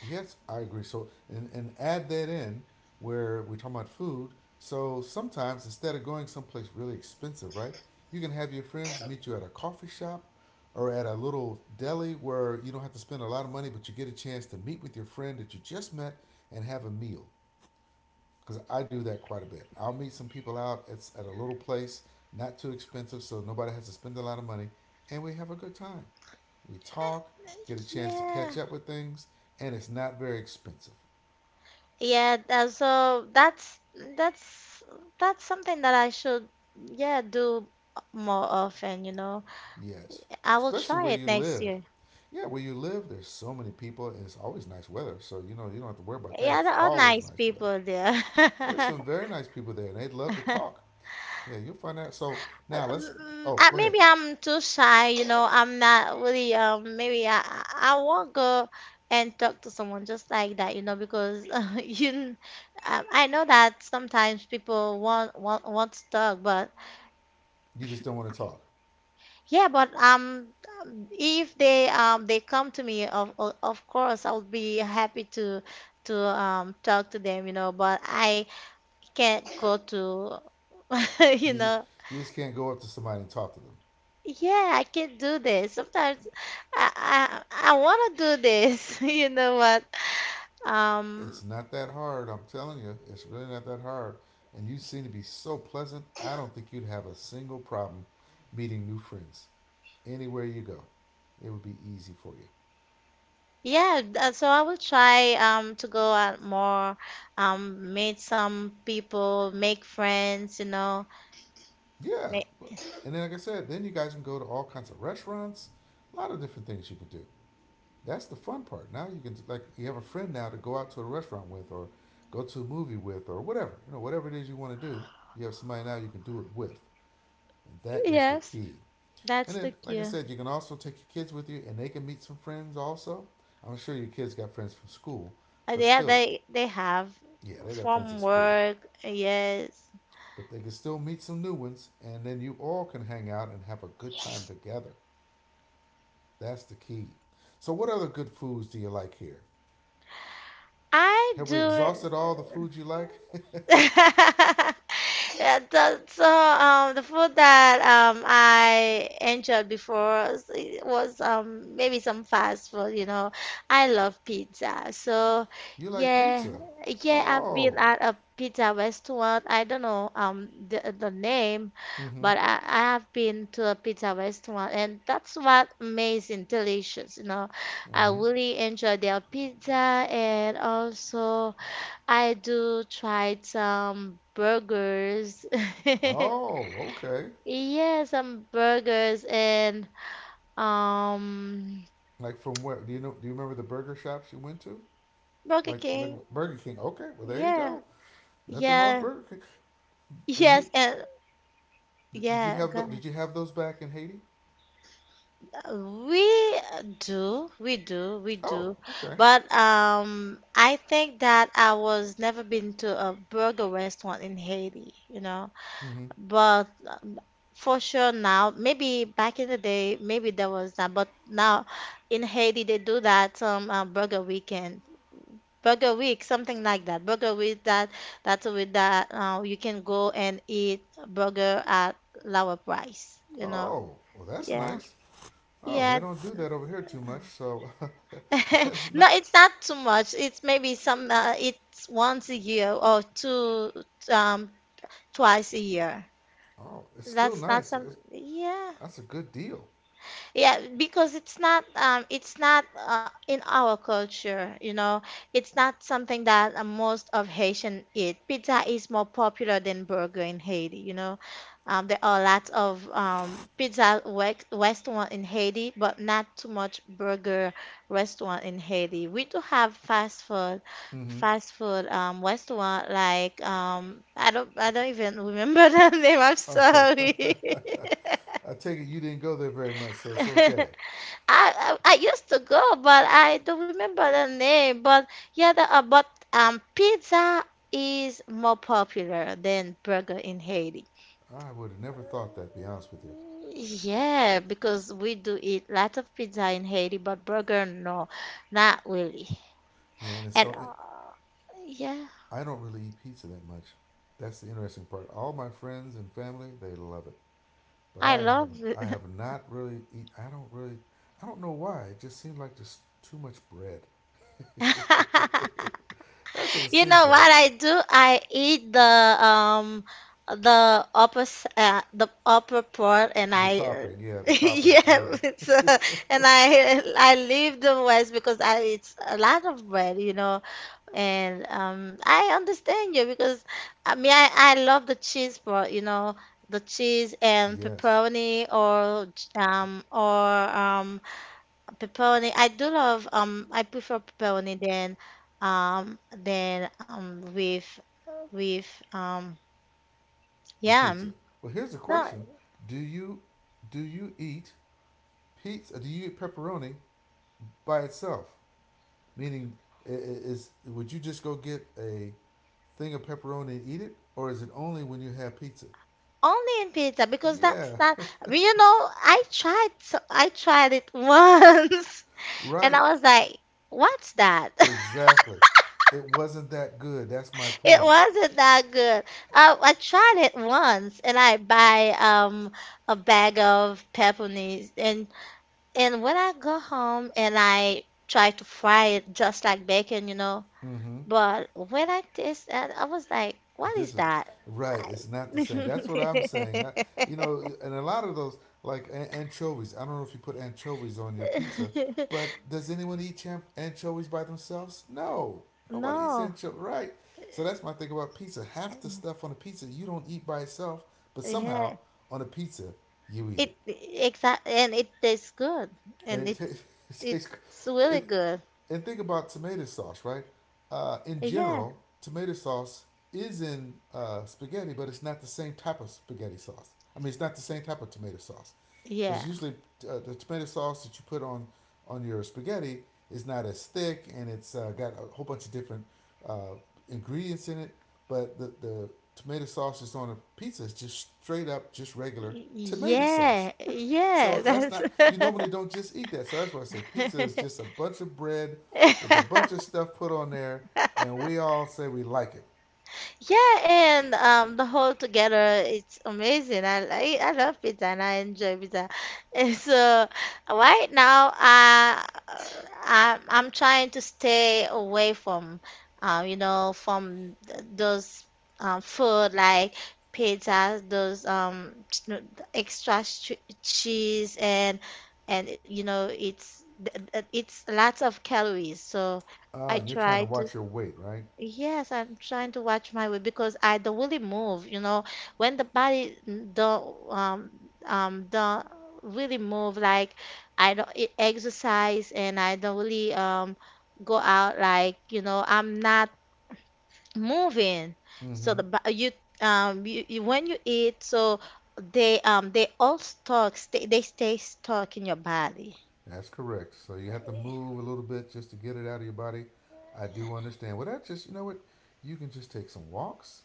A: Yes, I agree. So and add that in where we're talking about food. So sometimes instead of going someplace really expensive, right? You can have your friends meet you at a coffee shop or at a little deli where you don't have to spend a lot of money, but you get a chance to meet with your friend that you just met and have a meal. Because I do that quite a bit. I'll meet some people out at a little place, not too expensive, so nobody has to spend a lot of money, and we have a good time. We talk, get a chance to catch
B: yeah,
A: up with things, and it's not very expensive.
B: yeah. So that's that's that's something that I should yeah do more often. You know,
A: Yes,
B: I will
A: especially
B: try
A: where
B: it
A: you
B: next
A: live.
B: year.
A: Yeah, where you live, there's so many people, and it's always nice weather. So you know you don't have to worry about that.
B: Yeah, there
A: It's
B: are
A: always
B: nice
A: nice weather.
B: people there.
A: There's some very nice people there, and they'd love to talk. Yeah, you'll find out. So now let's. Oh, go ahead.
B: Maybe I'm too shy, you know. I'm not really. Maybe I won't go and talk to someone just like that, you know, because I know that sometimes people want to talk, but
A: You just don't want to talk.
B: yeah, but if they they come to me, of course I'll be happy to talk to them, you know. But I can't go to, you
A: You just
B: know.
A: you just can't go up to somebody and talk to them.
B: Yeah, I can do this. Sometimes I want to do this. You know what? Um,
A: It's not that hard. I'm telling you, it's really not that hard. And you seem to be so pleasant. I don't think you'd have a single problem meeting new friends anywhere you go. It would be easy for you.
B: yeah, so I will try to go out more, meet some people, make friends, you know.
A: Yeah.
B: Make,
A: And then, like I said, then you guys can go to all kinds of restaurants, a lot of different things you can do. That's the fun part. Now you can, like, you have a friend now to go out to a restaurant with or go to a movie with or whatever. You know, whatever it is you want to do, you have somebody now you can do it with. And that is the
B: yes,
A: key. And
B: that's the
A: then, like I
B: cue.
A: said, you can also take your kids with you and they can meet some friends also. I'm sure your kids got friends from school, but
B: Yeah,
A: still,
B: they have
A: yeah, they got friends at
B: from
A: school.
B: work. Yes.
A: But they can still meet some new ones and then you all can hang out and have a good time together. That's the key. So, what other good foods do you like here?
B: I
A: Have we
B: do.
A: exhausted all the foods you like?
B: Yeah, so the food that I enjoyed before was maybe some fast food, you know. I love pizza. So
A: You like
B: yeah,
A: pizza.
B: yeah, I've been
A: Oh.
B: at a pizza restaurant. I don't know the name,
A: Mm-hmm.
B: but I have been to a pizza restaurant, and that's what amazing, delicious, you know. I
A: Mm-hmm.
B: really enjoy their pizza and also. I do try some burgers.
A: Oh, okay.
B: Yeah, some burgers and um
A: Like from where? Do you know? Do you remember the burger shops you went to?
B: Burger
A: Like
B: King.
A: Burger King. Okay, well there you
B: Yeah.
A: go. Nothing wrong with
B: Yeah.
A: Burger King. And you
B: Yes, and yeah, got it.
A: did you have those back in Haiti?
B: We do, we do, we
A: Oh,
B: do.
A: okay.
B: But I think that I was never been to a burger restaurant in Haiti, you know.
A: Mm-hmm.
B: But for sure now, maybe back in the day, maybe there was that, but now in Haiti they do that burger weekend, burger week, something like that. Burger week that that's with that you can go and eat burger at lower price, you know.
A: Oh, well that's
B: Yeah,
A: nice. Oh, they
B: yeah.
A: don't do that over here too much, so that's
B: No,
A: not.
B: it's not too much. It's maybe some it's once a year or two um twice a year.
A: Oh, it's still
B: That's not
A: nice.
B: some. Yeah.
A: That's a good deal.
B: Yeah, because it's not in our culture, you know. It's not something that most of Haitian eat. Pizza is more popular than burger in Haiti, you know. There are lots of restaurant in Haiti, but not too much burger restaurant in Haiti. We do have fast food
A: Mm-hmm.
B: fast food um restaurant like I don't even remember the name. I'm
A: Oh,
B: sorry.
A: I take it you didn't go there very much, so it's
B: I,
A: okay.
B: I I used to go, but I don't remember the name. But yeah, the, but pizza is more popular than burger in Haiti.
A: I would have never thought that, to be honest with you.
B: Yeah, because we do eat lots of pizza in Haiti, but burger, no, not really.
A: Yeah, and it's
B: And
A: so
B: yeah,
A: I don't really eat pizza that much. That's the interesting part. All my friends and family they love it, but
B: I love
A: I
B: it.
A: have not really eat. I don't really. I don't know why. It just seemed like just too much bread. That's what it
B: You
A: seems
B: know
A: like.
B: what I do? I eat the the upper part, and
A: The
B: I uh,
A: topping, yeah, the toppings,
B: yeah,
A: yeah,
B: it's, uh, and I leave the west because I it's a lot of bread, you know. And I understand you because I mean I love the cheese part, you know, the cheese and
A: yes,
B: pepperoni or um, pepperoni. I do love I prefer pepperoni than with with
A: the pizza.
B: yam.
A: Well, here's the
B: No,
A: question: do you eat pizza? Do you eat pepperoni by itself? Meaning, is would you just go get a thing of pepperoni and eat it, or is it only when you have pizza?
B: only in pizza because that's
A: Yeah,
B: not but you know I tried it once and
A: right.
B: I was like, what's that?
A: Exactly. It wasn't that good. That's my
B: It
A: point.
B: wasn't that good. I tried it once, and I buy a bag of pepperonis and when I go home and I try to fry it just like bacon, you know,
A: Mm-hmm.
B: but when I taste that, I was like, what is
A: This is
B: that?
A: Right.
B: I-
A: It's not the same. That's what I'm saying. You know, and a lot of those like anchovies. I don't know if you put anchovies on your pizza, but does anyone eat anchovies by themselves? No, nobody eats
B: No,
A: anchovies. Right. So that's my thing about pizza. Half the stuff on a pizza you don't eat by itself, but
B: yeah,
A: somehow on a pizza you eat
B: it
A: it
B: exact and it tastes good
A: and
B: and
A: it,
B: it
A: tastes. It
B: it's
A: tastes.
B: really
A: It,
B: good.
A: and think about tomato sauce, right? In
B: Yeah,
A: general, tomato sauce is in spaghetti, but it's not the same type of spaghetti sauce. I mean, it's not the same type of tomato sauce,
B: yeah,
A: because usually the tomato sauce that you put on your spaghetti is not as thick, and it's got a whole bunch of different uh, ingredients in it. But the tomato sauce that's on a pizza is just straight up, just regular tomato sauce.
B: yeah, yeah.
A: So that's
B: That's
A: not you normally don't just eat that. So that's why I said pizza is just a bunch of bread with a bunch of stuff put on there, and we all say we like it.
B: Yeah, and the whole together, it's amazing. I love pizza and I enjoy pizza. And so right now, I'm trying to stay away from, you know, from those food like pizza, those ch- no, the extra ch cheese and you know it's lots of calories. So I
A: You're trying
B: try
A: to
B: to.
A: watch your weight, right?
B: Yes, I'm trying to watch my weight because I don't really move, you know, when the body n- don't um um don't really move like I don't e- exercise and I don't really go out like, you know, I'm not moving. So
A: Mm-hmm.
B: the bo- you you, you when you eat so they stay stuck in your body.
A: That's correct. So you have to move a little bit just to get it out of your body. I do understand. Well, that just you know what, you can just take some walks,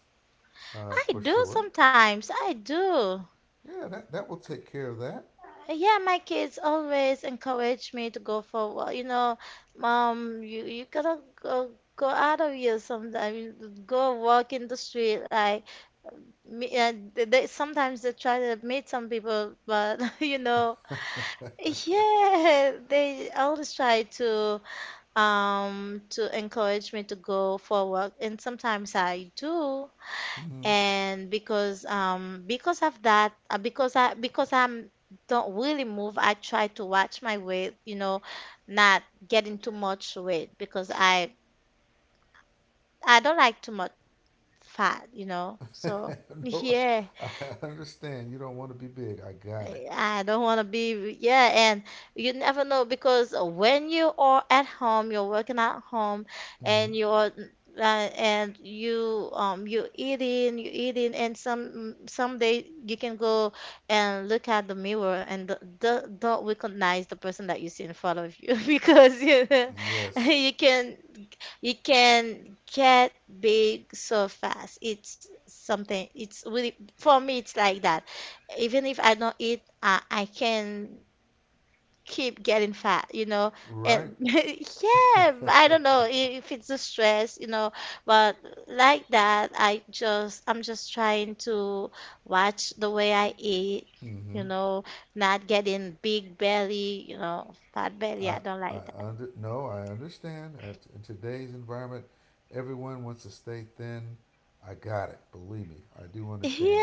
B: I
A: for
B: do
A: sure.
B: sometimes. I do.
A: Yeah, that that will take care of that.
B: Yeah, my kids always encourage me to go for a walk. You know, mom, you gotta go out of here sometime. Go walk in the street. Like me, sometimes they try to meet some people, but you know, yeah, they always try to encourage me to go for a walk, and sometimes I do
A: Mm-hmm.
B: and because of that because I'm don't really move I try to watch my weight you know not getting too much weight because I don't like too much fat you know so
A: No,
B: yeah
A: I understand. You don't want to be big. I got it.
B: I don't want to be, yeah, and you never know because when you are at home, you're working at home,
A: Mm-hmm.
B: and you're and you you eating, and some someday you can go and look at the mirror and don't recognize the person that you see in front of you because you know,
A: Yes,
B: you can you can get big so fast. It's something. It's really for me. It's like that even if I don't eat, I can keep getting fat, you know.
A: right.
B: And yeah, I don't know I- if it's the stress, you know, but like that, I'm just trying to watch the way I eat,
A: Mm-hmm.
B: you know, not getting big belly, you know, fat belly.
A: I
B: I don't
A: I
B: like that.
A: under No, I understand. In today's environment, everyone wants to stay thin. I got it. Believe me, I do understand.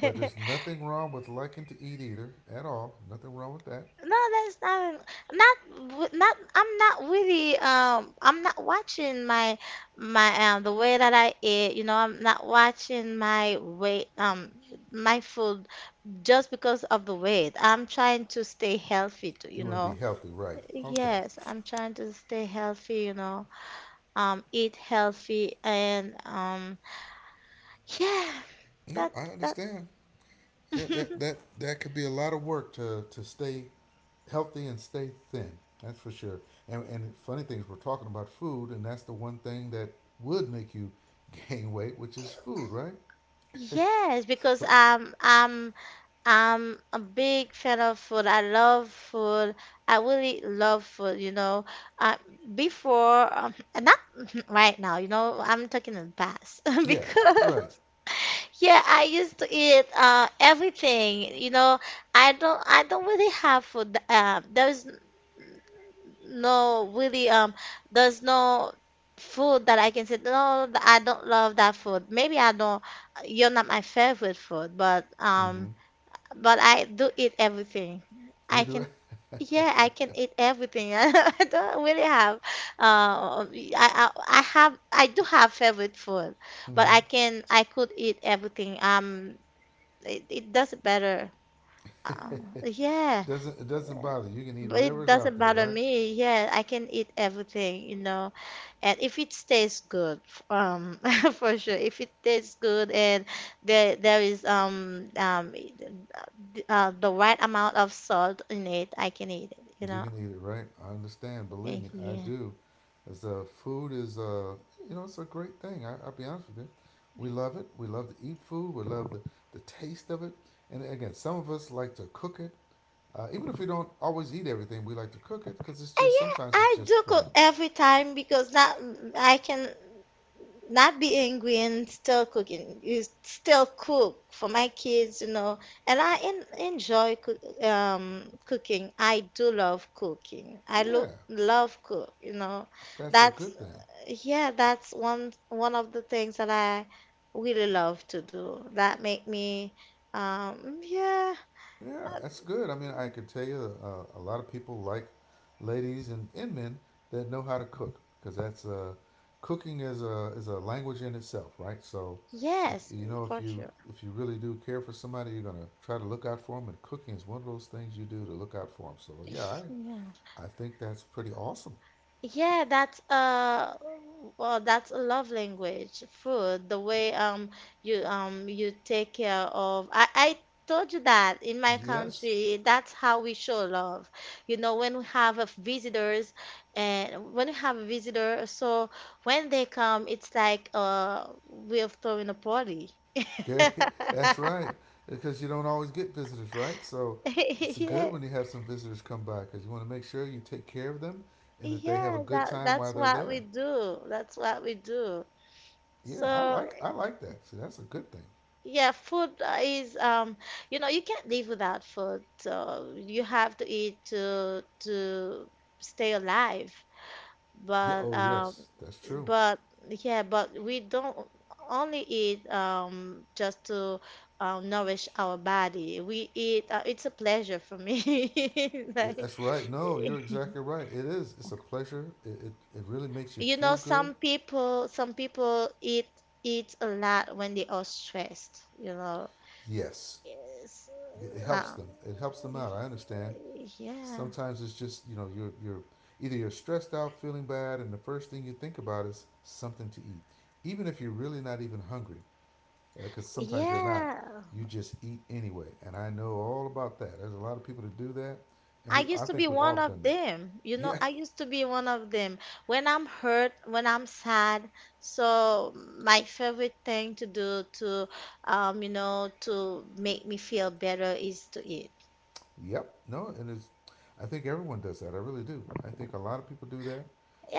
A: But there's nothing wrong with liking to eat either at all. Nothing wrong with that.
B: No, that's not not w- not. I'm not really. I'm not watching my my the way that I eat. You know, I'm not watching my weight. My food just because of the weight. I'm trying to stay healthy too. You
A: You want to be
B: know.
A: healthy, right? Okay.
B: Yes, I'm trying to stay healthy. You know. Eat healthy and yeah.
A: No,
B: That
A: I
B: that.
A: understand. Yeah, that that that could be a lot of work to stay healthy and stay thin. That's for sure. And funny things, we're talking about food, and that's the one thing that would make you gain weight, which is food, right?
B: Yes, because
A: But
B: I'm a big fan of food. I love food. I really love food, you know. Uh, before, and not right now, you know, I'm talking in the past
A: yeah, right.
B: because yeah, I used to eat everything, you know. I don't really have food. There's no really there's no food that I can say no, I don't love that food. Maybe I don't you're not my favorite food,
A: Hmm.
B: but I do eat everything.
A: You
B: I
A: do
B: can,
A: it.
B: yeah, I can eat everything. I don't really have, I have, I do have favorite food, but
A: Hmm.
B: I could eat everything. It doesn't matter. Uh, yeah,
A: Doesn't, it doesn't bother you? Can eat
B: but it
A: whatever's out
B: doesn't
A: there,
B: bother
A: right?
B: me. Yeah, I can eat everything, you know and if it tastes good for sure if it tastes good and there is the right amount of salt in it I can eat it you
A: You
B: know
A: can eat it, right? I understand. Believe me, I
B: Yeah.
A: do. As food is, you know, it's a great thing. I'll be honest with you. We love it. We love to eat food. We love the taste of it. And again, some of us like to cook it. Even if we don't always eat everything, we like to cook it because it's just
B: Yeah
A: sometimes it's
B: I
A: just
B: do
A: fun.
B: cook every time because that I can not be angry and still cooking. You still cook for my kids, you know, and I en enjoy cook, cooking. I do love cooking. I lo
A: Yeah,
B: love cook, you know.
A: that's a
B: That's
A: good thing.
B: yeah, that's one of the things that I really love to do. That make me yeah,
A: Yeah, that's good. I mean, I can tell you a lot of people like ladies and men that know how to cook because that's cooking is a language in itself, right? So if
B: yes,
A: you know if
B: for
A: you
B: sure.
A: really do care for somebody, you're gonna try to look out for them, and cooking is one of those things you do to look out for them. So yeah,
B: Yeah.
A: I think that's pretty awesome.
B: Yeah, that's well, that's a love language. Food, the way you you take care of. I told you that in my
A: Yes,
B: country, that's how we show love. You know, when we have a visitors and when we have a visitor, so when they come, it's like we're throwing a party.
A: Gary, that's right. Because you don't always get visitors, right? So it's
B: Yeah,
A: good when you have some visitors come by because you want to make sure you take care of them and that they have
B: yeah,
A: a good
B: that
A: time
B: that's
A: while they're
B: what we
A: there.
B: do. That's what we do.
A: Yeah,
B: So
A: I like that. See, that's a good thing.
B: yeah, food is you know, you can't live without food. So you have to eat to stay alive.
A: Yeah.
B: But
A: Oh,
B: um,
A: yes, that's true.
B: but yeah, but we don't only eat just to nourish our body. We eat. It's a pleasure for me. Like
A: That's right. No, you're exactly right. It is. It's a pleasure. It really makes you
B: you know,
A: feel good.
B: some people eat a lot when they are stressed. You know,
A: Yes,
B: yes,
A: it helps
B: uh,
A: them. It helps them out. I understand.
B: yeah.
A: Sometimes it's just you know you're either you're stressed out, feeling bad, and the first thing you think about is something to eat, even if you're really not even hungry, because sometimes you're not.
B: Yeah,
A: You just eat anyway, and I know all about that. There's a lot of people that do that, and
B: I
A: we I
B: used to be
A: think we all
B: one
A: have
B: of
A: done that.
B: them. You know,
A: Yeah,
B: I used to be one of them. When I'm hurt, when I'm sad, so my favorite thing to do to, you know, to make me feel better is to eat.
A: yep, no, and it's I think everyone does that. I really do. I think a lot of people do that.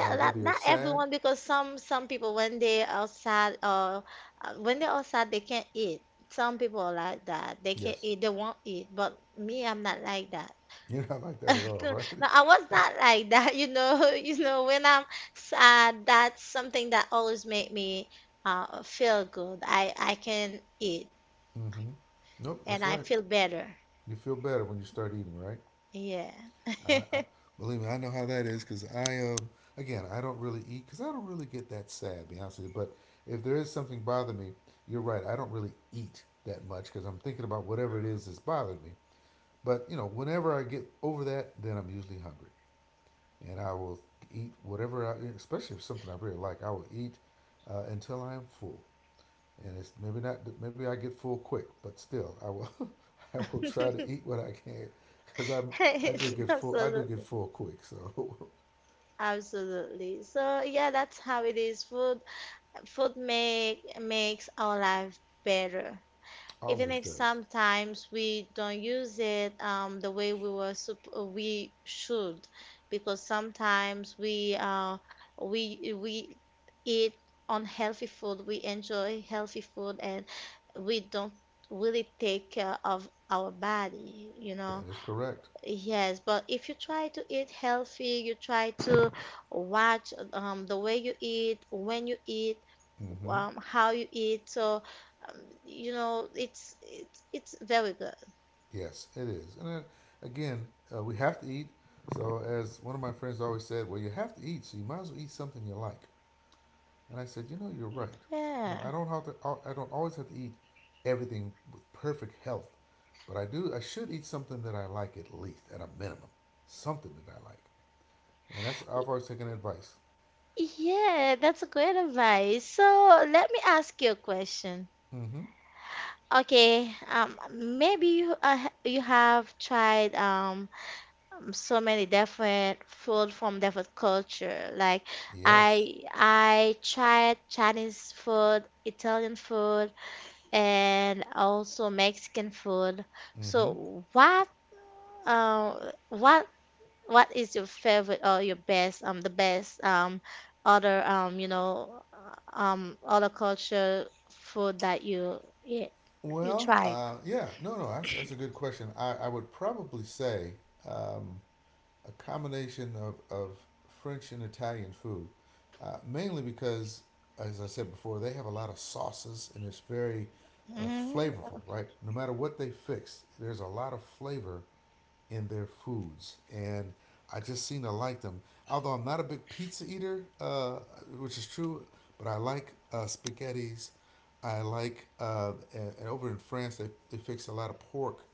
A: Whether you're
B: not
A: sad,
B: everyone because some people when they are sad or when they are sad they can't eat. Some people are like that. They can't
A: yes,
B: eat. They won't eat. But me, I'm not like that.
A: you're not like that at all, right?
B: No, I was not like that, you know. You know, when I'm sad, that's something that always make me feel good. I can eat
A: Mm-hmm. Nope,
B: and
A: that's
B: I
A: right.
B: feel better.
A: You feel better when you start eating, right?
B: Yeah.
A: I Believe me, I know how that is because I am, again I don't really eat because I don't really get that sad, to be honest with you. But if there is something bothering me, you're right. I don't really eat that much because I'm thinking about whatever it is that's bothered me. But you know, whenever I get over that, then I'm usually hungry, and I will eat whatever I, especially if it's something I really like, I will eat until I am full and it's maybe not maybe I get full quick, but still I will I will try to eat what I can because I do get
B: Absolutely.
A: full quick, so
B: Absolutely. So yeah, that's how it is. Food make makes our life better. Even
A: always
B: if
A: does.
B: sometimes we don't use it the way we should, because sometimes we eat unhealthy food, we enjoy healthy food, and we don't really take care of our body, you know.
A: That is correct.
B: Yes, but if you try to eat healthy, you try to watch the way you eat, when you eat,
A: Mm-hmm.
B: how you eat. So, um, you know, it's it's very good.
A: Yes, it is. And then, again, we have to eat. So as one of my friends always said, well, you have to eat, so you might as well eat something you like. And I said, you know, you're right. You know,
B: Yeah.
A: I don't have to. I don't always have to eat everything with perfect health, but I do. I should eat something that I like at least, at a minimum, something that I like. And that's I've always taken advice.
B: Yeah, that's a great advice. So let me ask you a question.
A: Mm-hmm.
B: Okay, maybe you you have tried so many different food from different culture. Like
A: Yes.
B: I tried Chinese food, Italian food, and also Mexican food.
A: Mm-hmm.
B: So uh what what is your favorite or your best the best other you know other culture food that you eat you
A: Well,
B: tried?
A: yeah. No, no. That's a good question. I would probably say um, a combination of French and Italian food, mainly because, as I said before, they have a lot of sauces and it's very uh,
B: Mm,
A: flavorful, right? No matter what they fix, there's a lot of flavor in their foods, and I just seem to like them. Although I'm not a big pizza eater, which is true, but I like spaghettis. I like and over in France they fix a lot of pork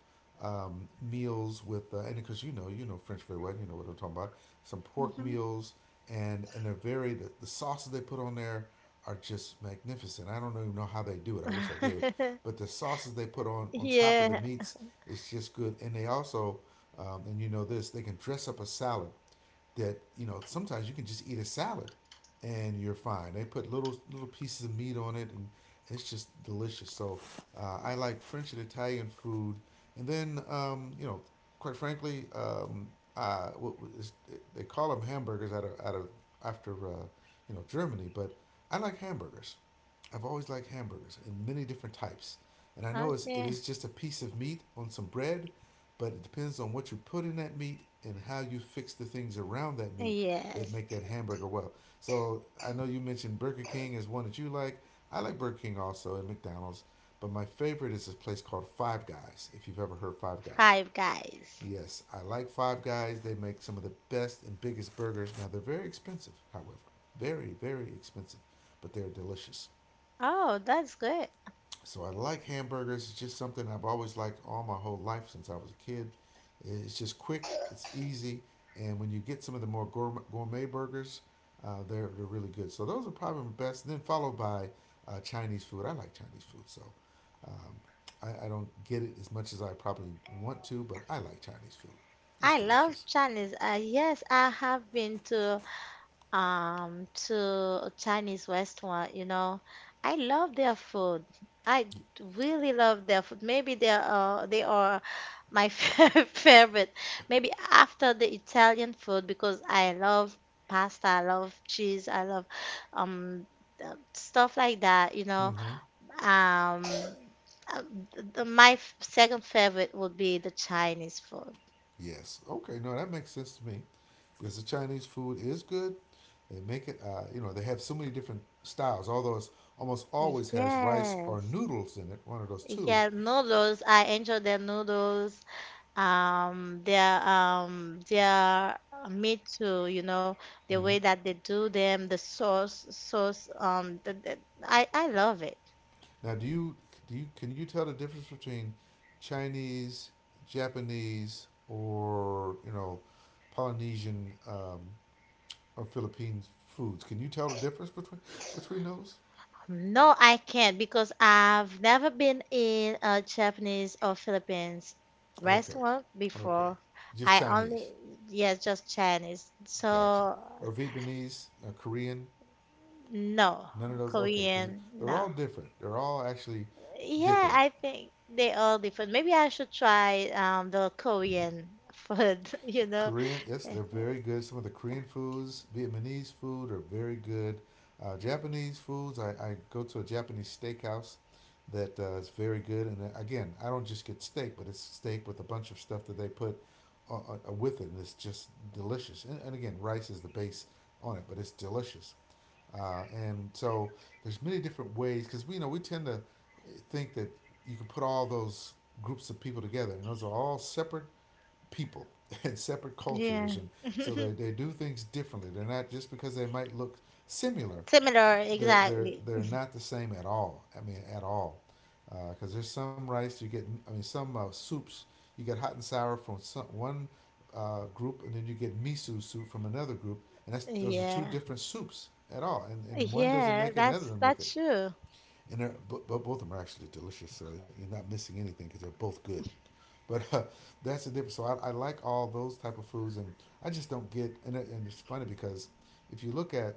A: meals with and because you know French very well you know what I'm talking about some pork
B: mhm.
A: meals and they're very the sauces they put on there are just magnificent. I don't even know how they do it. I wish I did, but the sauces they put on top of the
B: Yeah.
A: meats is just good. And they also and you know this, they can dress up a salad that you know sometimes you can just eat a salad and you're fine. They put little pieces of meat on it and it's just delicious. So I like French and Italian food, and then you know, quite frankly, what is, they call them hamburgers out of after you know Germany, but I like hamburgers. I've always liked hamburgers in many different types, and I know it
B: Okay.
A: is just a piece of meat on some bread, but it depends on what you put in that meat and how you fix the things around that meat that
B: Yes.
A: make that hamburger well. So I know you mentioned Burger King is one that you like. I like Burger King also and McDonald's, but my favorite is this place called Five Guys. If you've ever heard Five Guys,
B: Five Guys.
A: yes, I like Five Guys. They make some of the best and biggest burgers. Now they're very expensive, however, very expensive, but they're delicious.
B: Oh, that's good.
A: So I like hamburgers. It's just something I've always liked all my whole life since I was a kid. It's just quick, it's easy, and when you get some of the more gourmet burgers, they're really good. So those are probably my best. And then followed by Chinese food. I like Chinese food, so um, I don't get it as much as I probably want to, but I like Chinese food. It's
B: I love
A: delicious.
B: Chinese. Yes, I have been to Chinese restaurant, you know. I love their food. I really love their food. Maybe they are my favorite. Maybe after the Italian food because I love pasta, I love cheese, I love um stuff like that, you know.
A: Mm-hmm.
B: Um uh, my second favorite would be the Chinese food.
A: Yes. Okay. No, that makes sense to me. Because the Chinese food is good. They make it, you know, they have so many different styles, although it's almost always has rice or
B: Yes.
A: noodles in it, one of those two.
B: Yeah, noodles. I enjoy their noodles. Their meat to you know the way
A: Mm-hmm.
B: that they do them the sauce sauce the, I love it.
A: Now, do you, can you tell the difference between Chinese, Japanese, or, you know, Polynesian or Philippine foods? Can you tell the difference between those?
B: No I can't because I've never been in a Japanese or Philippines
A: Okay,
B: restaurant
A: okay.
B: before.
A: Just
B: I
A: Chinese.
B: only yes just Chinese
A: Gotcha.
B: so
A: Or Vietnamese, or Korean,
B: no
A: none of those. Okay, because
B: Korean
A: they're
B: no
A: all different. They're all actually
B: yeah
A: different.
B: I think they all different maybe I should try the Korean food you know.
A: Korean, yes, they're very good. Some of the Korean foods, Vietnamese food are very good. Japanese foods, I go to a Japanese steakhouse that is very good. And again, I don't just get steak, but it's steak with a bunch of stuff that they put uh, with it, and it's just delicious. And again, rice is the base on it, but it's delicious. And so there's many different ways because we you know we tend to think that you can put all those groups of people together, and those are all separate people and separate
B: Yeah.
A: cultures, and so they do things differently. They're not just because they might look similar
B: Similar, exactly.
A: they're not the same at all. I mean, at all, because there's some rice you get. I mean, some soups you get hot and sour from one group, and then you get miso soup from another group, and that's those are two
B: Yeah.
A: different soups at all, and one doesn't
B: Yeah,
A: make it, and the other doesn't make
B: that's
A: it.
B: true.
A: And they're but both of them are actually delicious, so you're not missing anything because they're both good. But that's the difference. So I like all those type of foods, and I just don't get. And, and it's funny because if you look at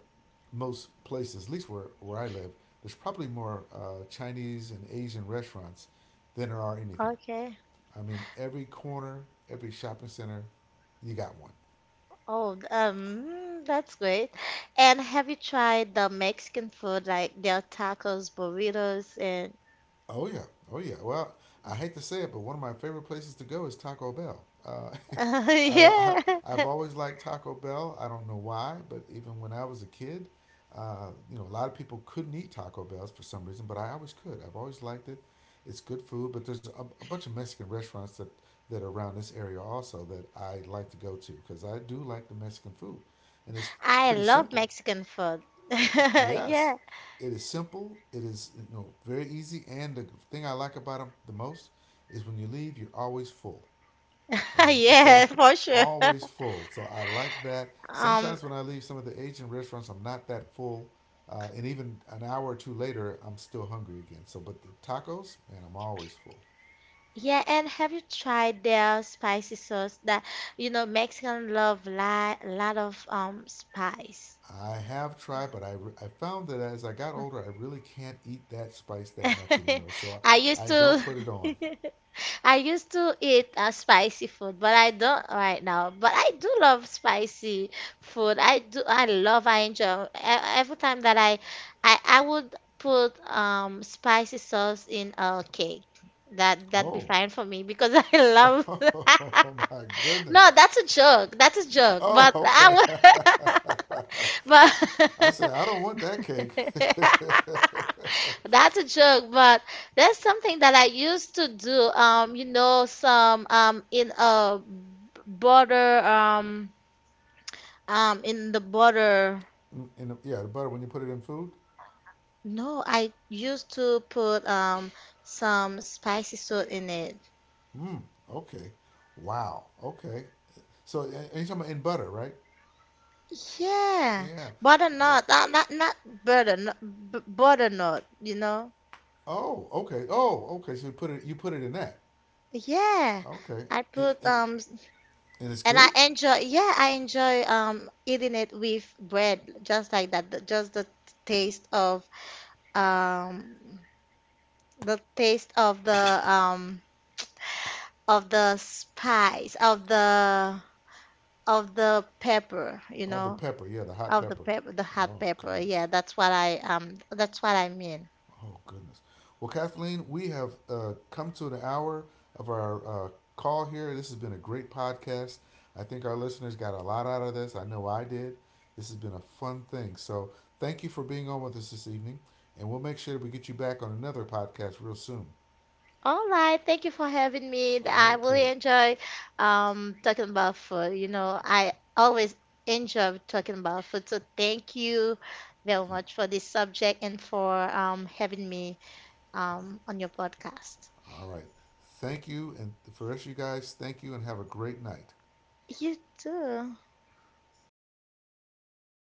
A: most places, at least where I live, there's probably more Chinese and Asian restaurants than there are anything.
B: Okay.
A: I mean, every corner, every shopping center, you got one.
B: Oh, that's great. And have you tried the Mexican food like their tacos, burritos, and
A: Oh yeah, oh yeah. Well, I hate to say it, but one of my favorite places to go is Taco Bell. I, li- I
B: yeah.
A: I've always liked Taco Bell. I don't know why, but even when I was a kid, you know, a lot of people couldn't eat Taco Bells for some reason, but I always could. I've always liked it. It's good food, but there's a bunch of Mexican restaurants that that are around this area also that I like to go to because I do like the Mexican food, and it's
B: I
A: pretty
B: love
A: simple.
B: Mexican food.
A: Yes,
B: Yeah.
A: it is simple. It is you know very easy, and the thing I like about them the most is when you leave, you're always full, and so
B: Yeah, for sure.
A: always full. So I like that.
B: Um,
A: Sometimes when I leave some of the Asian restaurants, I'm not that full, and even an hour or two later, I'm still hungry again. So, but the tacos, man, I'm always full.
B: yeah, and have you tried their spicy sauce that, you know, Mexican love li lot of spice.
A: I have tried, but I found that as I got older, I really can't eat that spice that much anymore. So
B: I used
A: I don't
B: to
A: put it on.
B: I used to eat spicy food, but I don't right now. But I do love spicy food. I do. I love. I enjoy every time that I would put spicy sauce in a cake. That that'd be
A: Oh,
B: fine for me because I love.
A: oh my goodness.
B: No, that's a joke. That's a joke.
A: Oh,
B: But
A: okay.
B: I would. But
A: I said I don't want that cake.
B: That's a joke, but that's something that I used to do. You know, some in a butter in the butter.
A: And yeah, the butter when you put it in food.
B: No, I used to put some spicy salt in it.
A: Mm, okay. Wow. Okay. So and you're talking about in butter, right?
B: Yeah,
A: Yeah. Wow.
B: butternut, not butter, not, b butternut. You know,
A: Oh, okay. Oh, okay. So you put it in that.
B: yeah.
A: Okay.
B: I
A: And
B: put
A: and, and it's
B: and I
A: good?
B: enjoy, yeah, I enjoy eating it with bread, just like that. Just the taste of um the taste of the spice of the pepper, you
A: Oh, the
B: know,
A: pepper. Yeah, the hot
B: of the
A: pepper.
B: pepper, the hot
A: Oh,
B: pepper.
A: goodness.
B: Yeah, that's what I mean.
A: Oh goodness. Well, Kathleen, we have come to the hour of our call here. This has been a great podcast. I think our listeners got a lot out of this. I know I did. This has been a fun thing. So thank you for being on with us this evening, and we'll make sure that we get you back on another podcast real soon.
B: All right, thank you for having me. I really
A: Okay.
B: enjoy talking about food. You know, I always enjoy talking about food. So thank you very much for this subject and for having me on your podcast.
A: All right. Thank you, and for the rest of you guys, thank you, and have a great night.
B: You too.
A: All right.